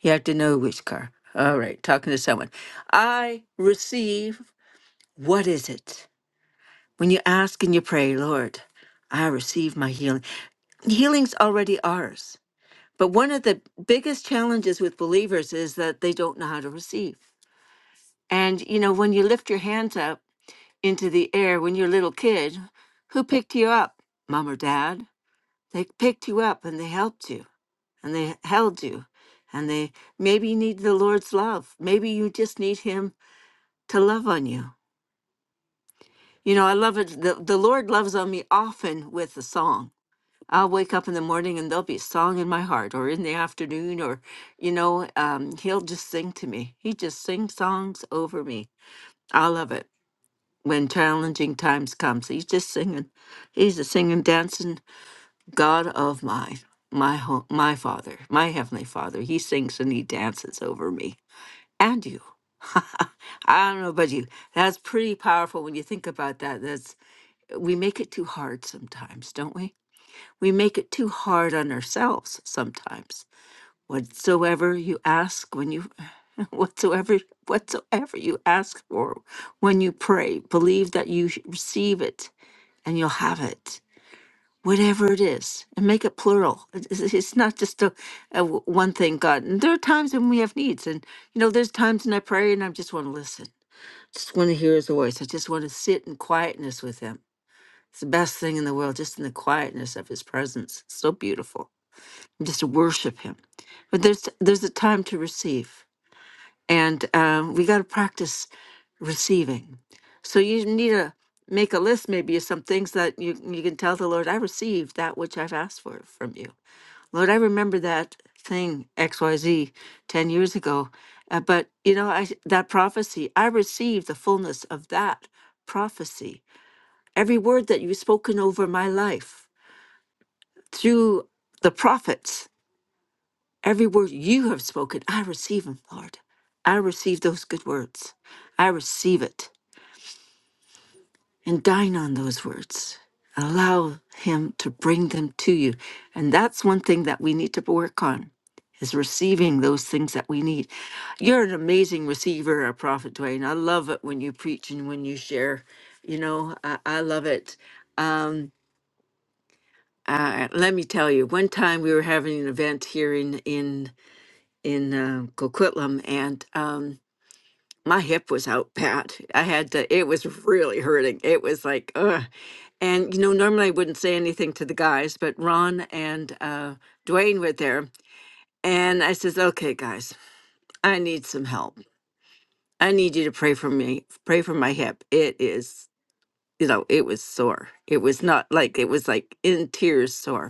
You have to know which car. All right, talking to someone. I receive, what is it? When you ask and you pray, Lord, I receive my healing. Healing's already ours. But one of the biggest challenges with believers is that they don't know how to receive. And, you know, when you lift your hands up into the air when you're a little kid, who picked you up? Mom or dad? They picked you up and they helped you and they held you. And they maybe you need the Lord's love. Maybe you just need Him to love on you. You know, I love it. The, the Lord loves on me often with a song I'll wake up in the morning and there'll be a song in my heart, or in the afternoon, or, you know, um, he'll just sing to me. He just sings songs over me. I love it when challenging times comes. He's just singing. He's a singing, dancing God of mine, my home, my Father, my Heavenly Father. He sings and he dances over me and you. I don't know about you. That's pretty powerful when you think about that. That's we make it too hard sometimes, don't we? We make it too hard on ourselves sometimes. Whatsoever you ask when you whatsoever whatsoever you ask for when you pray, believe that you sh- receive it and you'll have it. Whatever it is, and make it plural. It- It's it's not just a, a w- one thing God. And there are times when we have needs, and you know, there's times when I pray and I just want to listen, just want to hear His voice. I just want to sit in quietness with Him. It's the best thing in the world, just in the quietness of His presence. so beautiful just worship him but there's there's a time to receive and um, we got to practice receiving so you need to make a list maybe of some things that you, you can tell the lord i received that which i've asked for from you lord i remember that thing xyz 10 years ago uh, but you know I, that prophecy i received the fullness of that prophecy every word that you've spoken over my life through the prophets Every word you have spoken, I receive them, Lord. I receive those good words. I receive it and dine on those words. Allow Him to bring them to you. And that's one thing that we need to work on is receiving those things that we need. You're an amazing receiver, a prophet, Dwayne. I love it when you preach and when you share. You know, I, I love it. Um, uh, let me tell you, one time we were having an event here in, in in uh, Coquitlam, and um, my hip was out bad. I had to. It was really hurting. It was like, ugh. And you know, normally I wouldn't say anything to the guys, but Ron and uh, Dwayne were there, and I says, "Okay, guys, I need some help. I need you to pray for me. Pray for my hip. It is." You know, it was sore. It was not like it was like in tears sore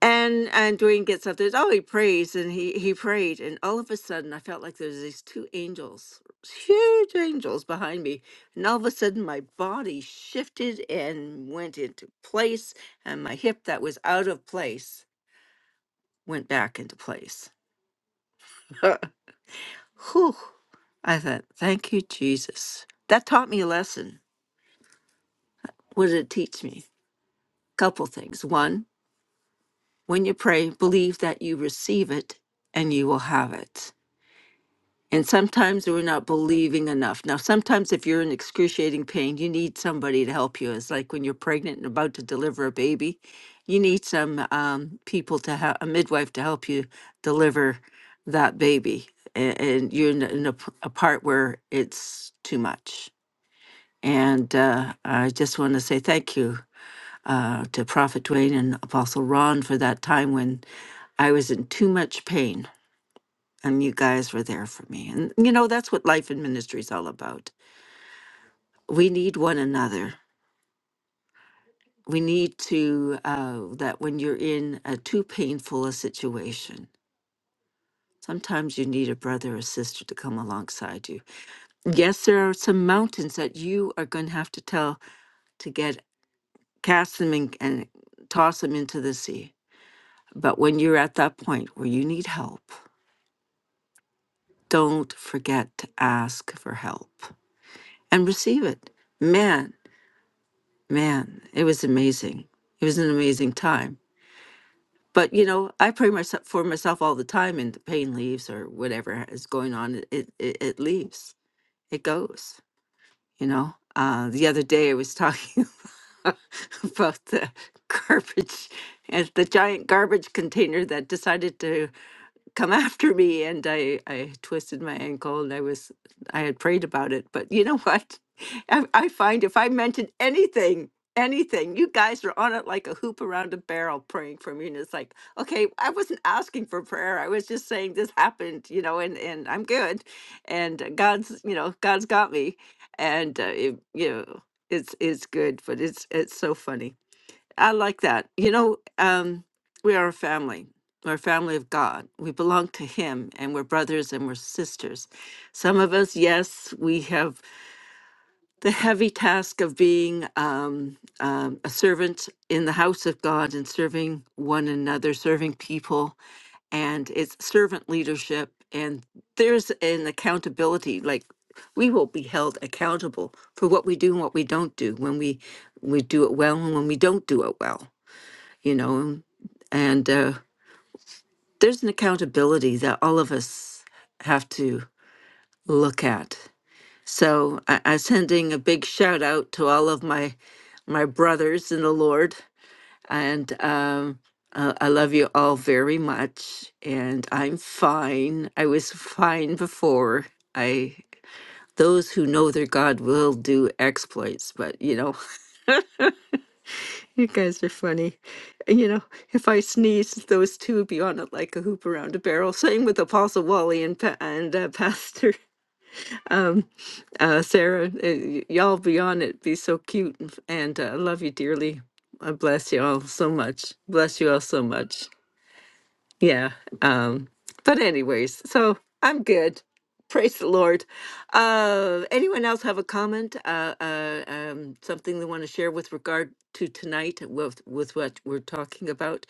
and and Dwayne gets up there. Oh, he prays, and he he prayed, and all of a sudden, I felt like there was these two angels, huge angels behind me, and all of a sudden, my body shifted and went into place, and my hip that was out of place went back into place. Whew! I thought, thank you, Jesus. That taught me a lesson. What did it teach me? Couple things. One, when you pray, believe that you receive it, and you will have it And sometimes we're not believing enough. Now, sometimes if you're in excruciating pain, you need somebody to help you. It's like when you're pregnant and about to deliver a baby, you need some um, people to have a midwife to help you deliver that baby. And, and you're in, a, in a p- a part where it's too much. And uh, I just want to say thank you uh, to Prophet Dwayne and Apostle Ron for that time when I was in too much pain and you guys were there for me. And you know, that's what life and ministry is all about. We need one another. We need to, uh, that when you're in a too painful a situation, sometimes you need a brother or sister to come alongside you. Yes, there are some mountains that you are going to have to tell to get, cast them and, and toss them into the sea. But when you're at that point where you need help, don't forget to ask for help and receive it. Man, man, it was amazing. It was an amazing time. But you know, I pray myself for myself all the time, and the pain leaves or whatever is going on. It it, it it leaves. It goes. You know. Uh, the other day, I was talking about the garbage and the giant garbage container that decided to come after me and I, I twisted my ankle and I was I had prayed about it. But you know what? I, I find if I mentioned anything, anything, you guys are on it like a hoop around a barrel praying for me. And it's like, okay, I wasn't asking for prayer. I was just saying this happened, you know, and, and I'm good. And God's, you know, God's got me. And, uh, it, you know, it's, it's good, but it's, it's so funny I like that. You know, um, we are a family. We're a family of God. We belong to Him and we're brothers and we're sisters. Some of us, yes, we have the heavy task of being um, um, a servant in the house of God and serving one another, serving people. And it's servant leadership. And there's an accountability. Like we will be held accountable for what we do and what we don't do when we, we do it well and when we don't do it well you know, and uh, there's an accountability that all of us have to look at. So I, I'm sending a big shout out to all of my my brothers in the Lord, and um, uh, I love you all very much. And I'm fine. I was fine before. I those who know their God will do exploits, but you know You guys are funny. You know, if I sneezed, those two would be on it like a hoop around a barrel. Same with Apostle Wally and pa- and uh, Pastor um, uh, Sarah. Uh, y- y'all be on it. Be so cute, and, f- and uh, I love you dearly. I bless you all so much. Bless you all so much. Yeah. Um, but anyways, so I'm good. Praise the Lord. Uh, anyone else have a comment? Uh, uh, um, something they want to share with regard to tonight with, with what we're talking about?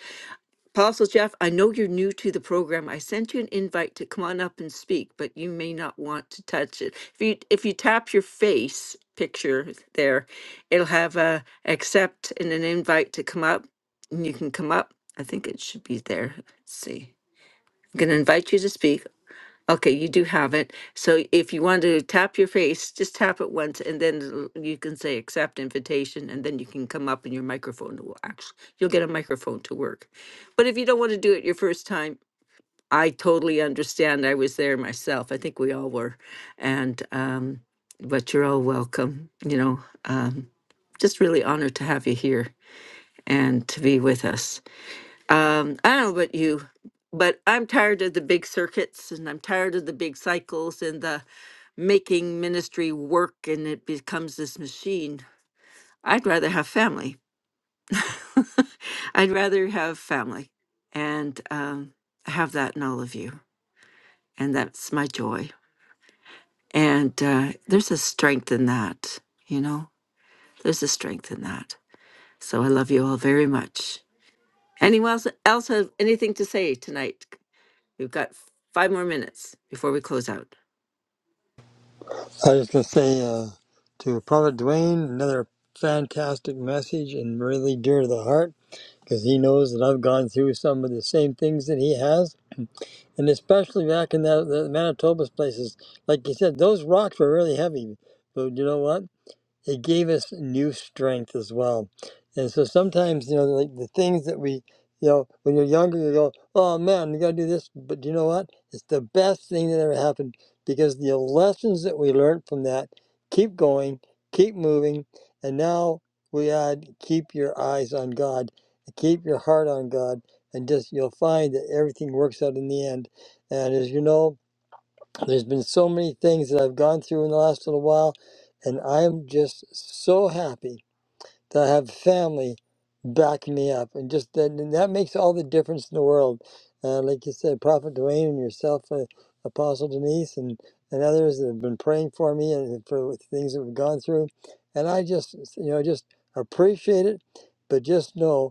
Apostle Jeff, I know you're new to the program. I sent you an invite to come on up and speak, but you may not want to touch it. If you if you tap your face picture there, it'll have a accept and an invite to come up, and you can come up. I think it should be there. Let's see. I'm going to invite you to speak. Okay, you do have it. So if you want to tap your face, just tap it once and then it'll- you can say accept invitation and then you can come up and your microphone will actually, you'll get a microphone to work. But if you don't want to do it your first time, I totally understand. I was there myself. I think we all were. And, um, but you're all welcome, you know, um, just really honored to have you here and to be with us. Um, I don't know about you, but I'm tired of the big circuits and I'm tired of the big cycles and the making ministry work and it becomes this machine. I'd rather have family. I'd rather have family and um, have that in all of you. And that's my joy. And uh, there's a strength in that, you know, there's a strength in that. So I love you all very much. Anyone else, else have anything to say tonight? We've got five more minutes before we close out. I just going to say uh, to Prophet Dwayne, another fantastic message and really dear to the heart because he knows that I've gone through some of the same things that he has. And especially back in the, the Manitoba's places, like you said, those rocks were really heavy. But you know what? it gave us new strength as well. And so sometimes, you know, like the things that we, you know, when you're younger, you go, oh man, we got to do this. But you know what? It's the best thing that ever happened because the lessons that we learned from that keep going, keep moving. And now we add, keep your eyes on God, keep your heart on God, and just you'll find that everything works out in the end. And as you know, there's been so many things that I've gone through in the last little while, and I'm just so happy that I have family backing me up, and just that and that makes all the difference in the world. Uh, like you said, Prophet Dwayne and yourself, uh, Apostle Denise, and and others that have been praying for me and for things that we've gone through, and I just you know just appreciate it, but just know.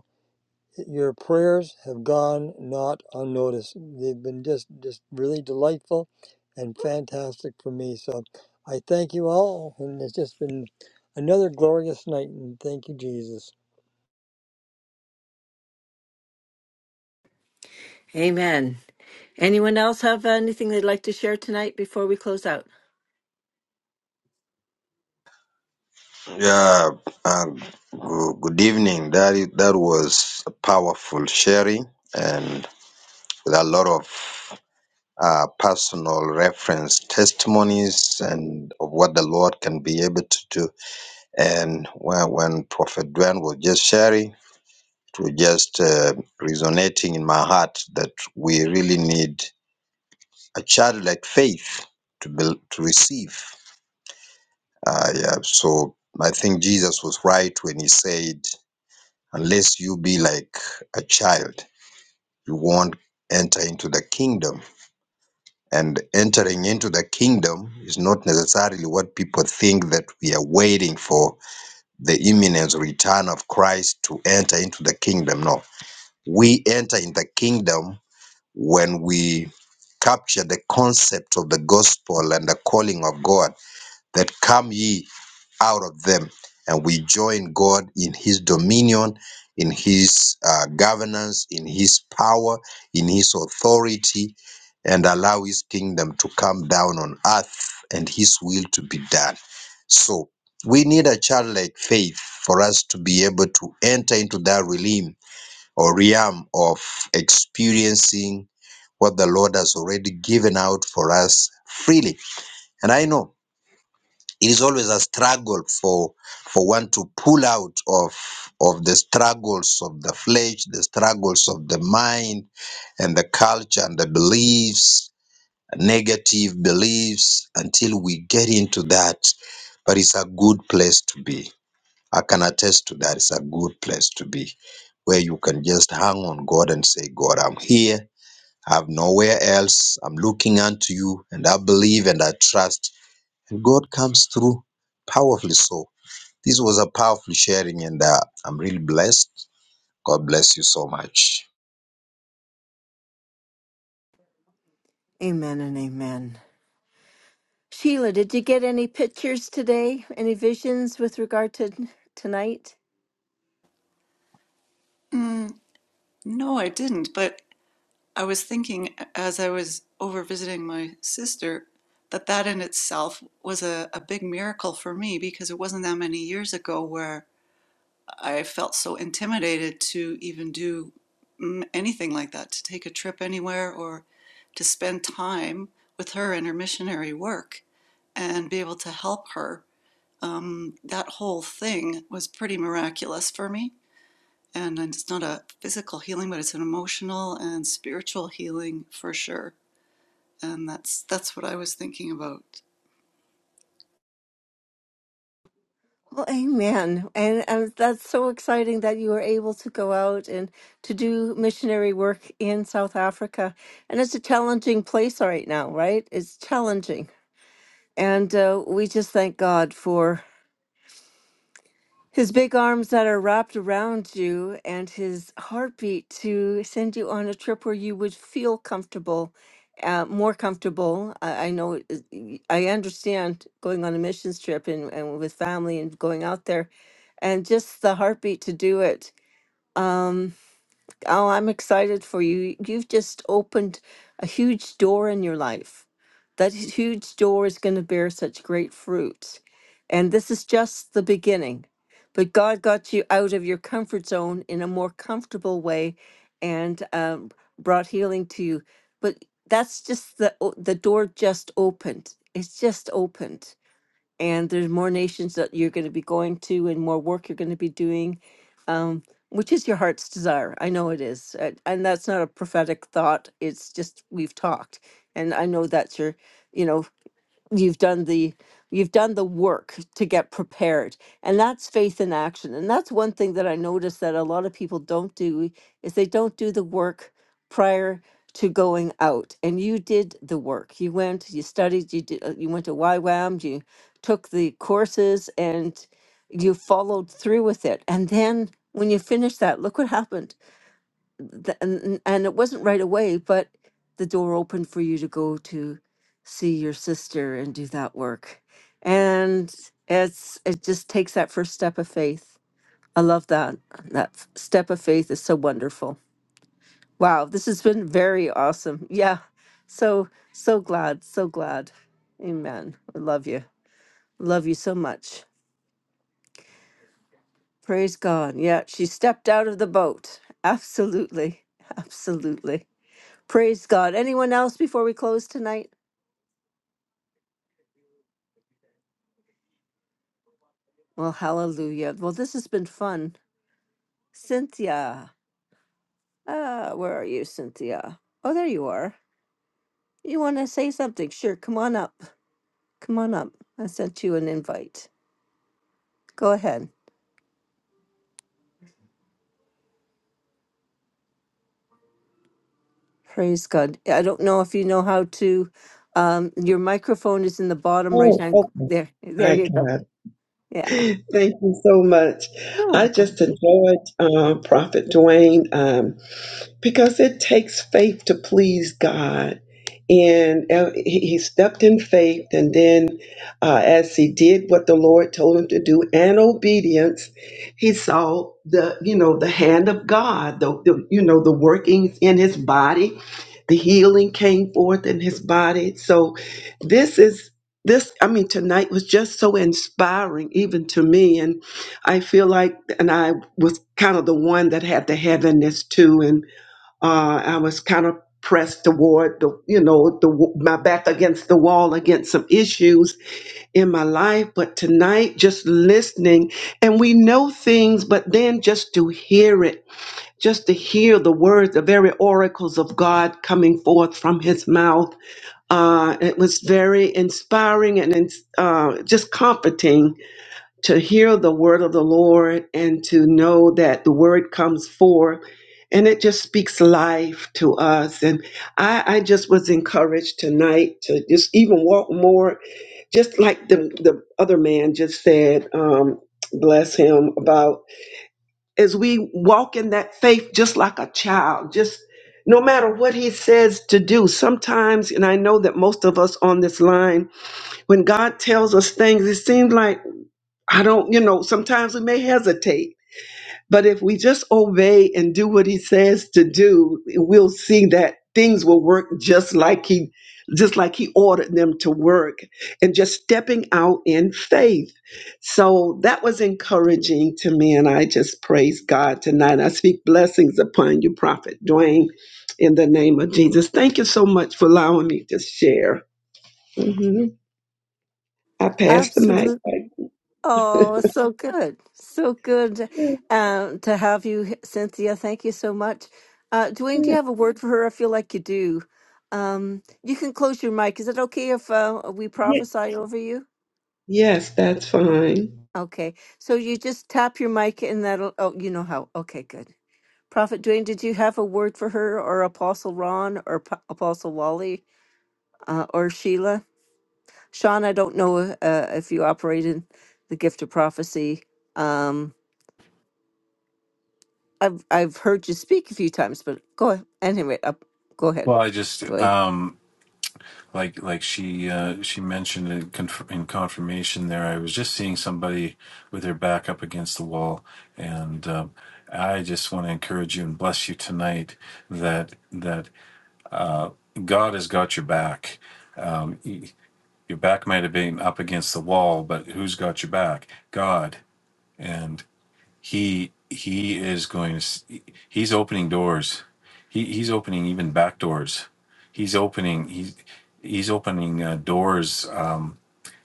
Your prayers have gone not unnoticed. They've been just, just really delightful and fantastic for me. So I thank you all, and it's just been another glorious night. And thank you, Jesus. Amen. Anyone else have anything they'd like to share tonight before we close out? Yeah, and goo- good evening. That i- that was a powerful sharing and with a lot of uh, personal reference testimonies and of what the Lord can be able to do. And when, when Prophet Dwayne was just sharing, it was just uh, resonating in my heart that we really need a childlike faith to build, to receive. Uh, yeah, so I think Jesus was right when he said. Unless you be like a child, you won't enter into the kingdom. And entering into the kingdom is not necessarily what people think that we are waiting for the imminent return of Christ to enter into the kingdom. No, we enter in the kingdom when we capture the concept of the gospel and the calling of God that come ye out of them. And we join God in His dominion, in His uh, governance, in His power, in His authority, and allow His kingdom to come down on earth and His will to be done. So we need a childlike faith for us to be able to enter into that realm or realm of experiencing what the Lord has already given out for us freely. And I know it is always a struggle for for one to pull out of of the struggles of the flesh the struggles of the mind and the culture and the beliefs negative beliefs until we get into that but it's a good place to be i can attest to that it's a good place to be where you can just hang on god and say god i'm here i have nowhere else i'm looking unto you and i believe and i trust God comes through powerfully. So this was a powerful sharing, and uh, I'm really blessed. God bless you so much. Amen and amen. Sheila, did you get any pictures today? Any visions with regard to tonight? Mm, no, I didn't, but I was thinking as I was over visiting my sister that that in itself was a, a big miracle for me because it wasn't that many years ago where. I felt so intimidated to even do mm, anything like that, to take a trip anywhere or to spend time with her and her missionary work and be able to help her. Um, that whole thing was pretty miraculous for me. And it's not a physical healing, but it's an emotional and spiritual healing for sure. And that's that's what I was thinking about. Well, amen. And, and that's so exciting that you were able to go out and to do missionary work in South Africa. And it's a challenging place right now, right? It's challenging. And uh, we just thank God for. His big arms that are wrapped around you and his heartbeat to send you on a trip where you would feel comfortable, uh, more comfortable. I, I know, it is- y- I understand going on a missions trip and, and with family and going out there and just the heartbeat to do it. Um, Oh, I'm excited for you. You've just opened a huge door in your life. That huge door is going to bear such great fruits. And this is just the beginning. But God got you out of your comfort zone in a more comfortable way and um, brought healing to you. But that's just the, o- the door just opened. It's just opened and there's more nations that you're going to be going to and more work you're going to be doing um, which is your heart's desire i know it is uh, and that's not a prophetic thought it's just we've talked and i know that's your you know you've done the you've done the work to get prepared and that's faith in action and that's one thing that i notice that a lot of people don't do is they don't do the work prior to going out and you did the work you went you studied you did uh, you went to YWAM you took the courses and you followed through with it and then when you finished that look what happened th- and and it wasn't right away, but the door opened for you to go to see your sister and do that work. And it's it just takes that first step of faith. I love that. That f- step of faith is so wonderful. Wow, this has been very awesome. Yeah. So so glad, so glad. Amen. I love you. Love you so much. Praise God. Yeah, she stepped out of the boat. Absolutely. Absolutely. Praise God. Anyone else before we close tonight? Well, hallelujah. Well, this has been fun. Cynthia, Ah, where are you, Cynthia? Oh, there you are. You want to say something? Sure. Come on up. Come on up. I sent you an invite. Go ahead. Praise God. I don't know if you know how to. Um, your microphone is in the bottom right Oh, hand. okay. There, there I you go. got it. Yeah. Thank you so much. You're I welcome. just enjoyed um, Prophet Dwayne. Um, because it takes faith to please God. And uh, he he stepped in faith, and then uh, as he did what the Lord told him to do and obedience, he saw the you know the hand of God, the, the you know the workings in his body, the healing came forth in his body. So this is this I mean tonight was just so inspiring even to me, and I feel like and I was kind of the one that had the heaviness too, and uh, I was kind of pressed toward the, you know, the w- my back against the wall against some issues in my life. But tonight, just listening, and we know things, but then just to hear it, just to hear the words, the very oracles of God coming forth from His mouth, uh, it was very inspiring and ins- uh, just comforting to hear the word of the Lord and to know that the word comes forth and it just speaks life to us. And I, I just was encouraged tonight to just even walk more, just like the, the other man just said, um, bless him, about as we walk in that faith just like a child, just no matter what he says to do, sometimes, and I know that most of us on this line, when God tells us things, it seems like I don't, you know, sometimes we may hesitate, but if we just obey and do what he says to do, we'll see that things will work just like he just like he ordered them to work and just stepping out in faith. So that was encouraging to me and I just praise God tonight. I speak blessings upon you, Prophet Dwayne, in the name of Jesus. Thank you so much for allowing me to share. Mhm. I pass the mic. Absolutely. Oh, so good. So good um, to have you, Cynthia. Thank you so much. Uh, Dwayne, do you back. have a word for her? I feel like you do. Um, you can close your mic. Is it okay if uh, we prophesy over you? Yes, that's Oh, fine. Okay. So you just tap your mic and that'll, oh, you know how. Okay, good. Prophet Dwayne, did you have a word for her or Apostle Ron or P- Apostle Wally uh, or Sheila? Sean, I don't know uh, if you operate in the gift of prophecy. Um, I've I've heard you speak a few times, but go ahead. Anyway, up, go ahead, Well, I just, Dwayne. um, like like she uh, she mentioned in, conf- in confirmation there. I was just seeing somebody with their back up against the wall, and um, I just want to encourage you and bless you tonight that that God has got your back. Um, y- your back might have been up against the wall, but who's got your back? God. And he he is going to s- he's opening doors he he's opening even back doors he's opening he's he's opening uh, doors um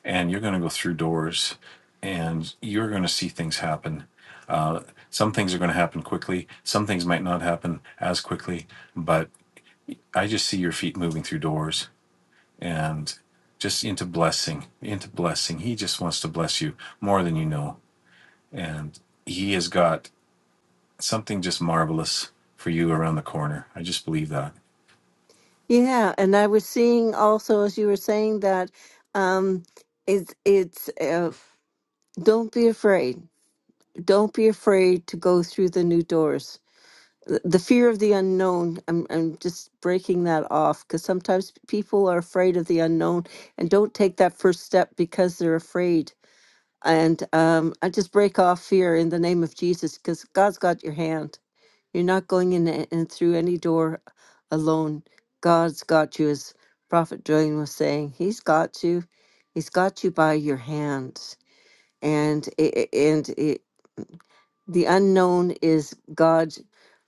and you're going to go through doors and you're going to see things happen uh some things are going to happen quickly some things might not happen as quickly but i just see your feet moving through doors and just into blessing into blessing he just wants to bless you more than you know and he has got something just marvelous for you around the corner. I just believe that. Yeah, and I was seeing also as you were saying that um it's it's uh, don't be afraid. Don't be afraid to go through the new doors. The the fear of the unknown. I'm I'm just breaking that off because sometimes people are afraid of the unknown and don't take that first step because they're afraid. And um, I just break off fear in the name of Jesus because God's got your hand. You're not going in a- and through any door alone. God's got you, as Prophet Dwayne was saying. He's got you. He's got you by your hands. And it, and it, the unknown is God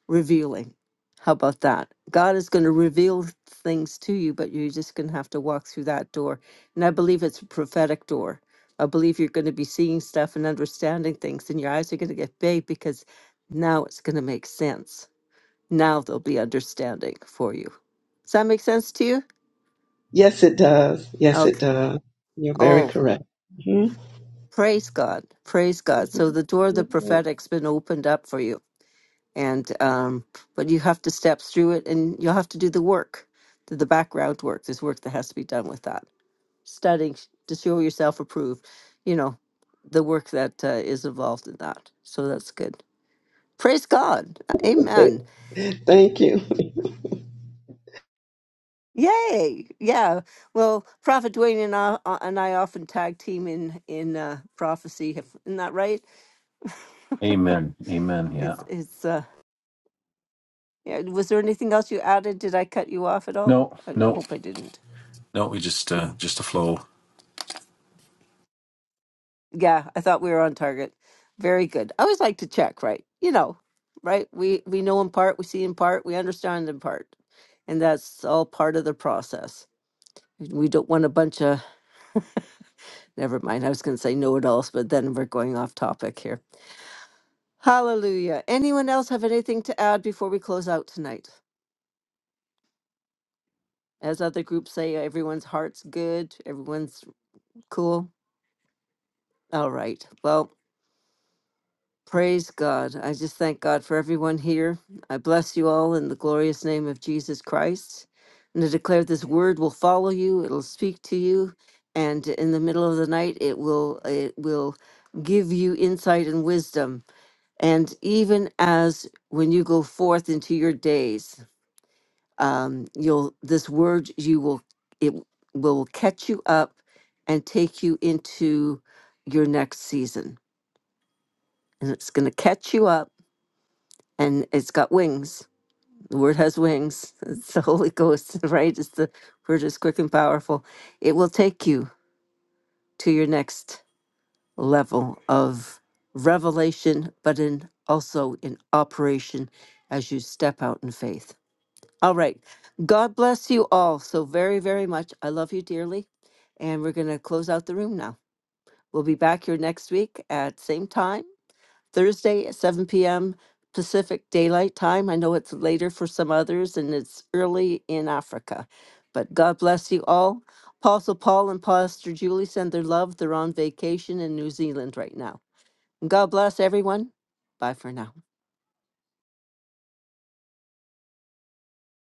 revealing. How about that? God is going to reveal things to you, but you're just going to have to walk through that door. And I believe it's a prophetic door. I believe you're going to be seeing stuff and understanding things, and your eyes are going to get big because now it's going to make sense now there'll be understanding for you. Does that make sense to you? Yes, it does. Yes, it Okay. does. You're very Oh, correct. Mhm. praise God. Praise God. So the door of the Mhm. prophetic's been opened up for you. And um but you have to step through it and you'll have to do the work, do the background work. There's work that has to be done with that. Studying to show yourself approved, you know, the work that uh, is involved in that. So that's good. Praise God. Amen. Thank you. Yay! Yeah. Well, Prophet Dwayne and I uh, and I often tag team in in uh, prophecy. if- Isn't that right? Amen. Amen. Yeah. It's it's. Uh, yeah. Was there anything else you added? Did I cut you off at all? No, I, I no. hope I didn't. No, we just uh, just a flow. Yeah, I thought we were on target. Very good. I always like to check, right? You know, right? We we know in part, we see in part, we understand in part, and that's all part of the process. We don't want a bunch of. Never mind. I was going to say know-it-alls, but then we're going off topic here. Hallelujah. Anyone else have anything to add before we close out tonight? As other groups say, everyone's heart's good, everyone's cool. All right. Well, praise God. I just thank God for everyone here. I bless you all in the glorious name of Jesus Christ. And I declare this word will follow you, it'll speak to you, and in the middle of the night it will it will give you insight and wisdom. And even as when you go forth into your days. um, you'll this word you will it will catch you up and take you into your next season and it's going to catch you up and it's got wings the word has wings it's the holy ghost right it's the word is quick and powerful it will take you to your next level of revelation but in also in operation as you step out in faith All right. God bless you all so very, very much. I love you dearly. And we're going to close out the room now. We'll be back here next week at same time, Thursday at 7 p.m. Pacific Daylight Time. I know it's later for some others and it's early in Africa. But God bless you all. Apostle Paul and Pastor Julie send their love. They're on vacation in New Zealand right now. God bless everyone. Bye for now.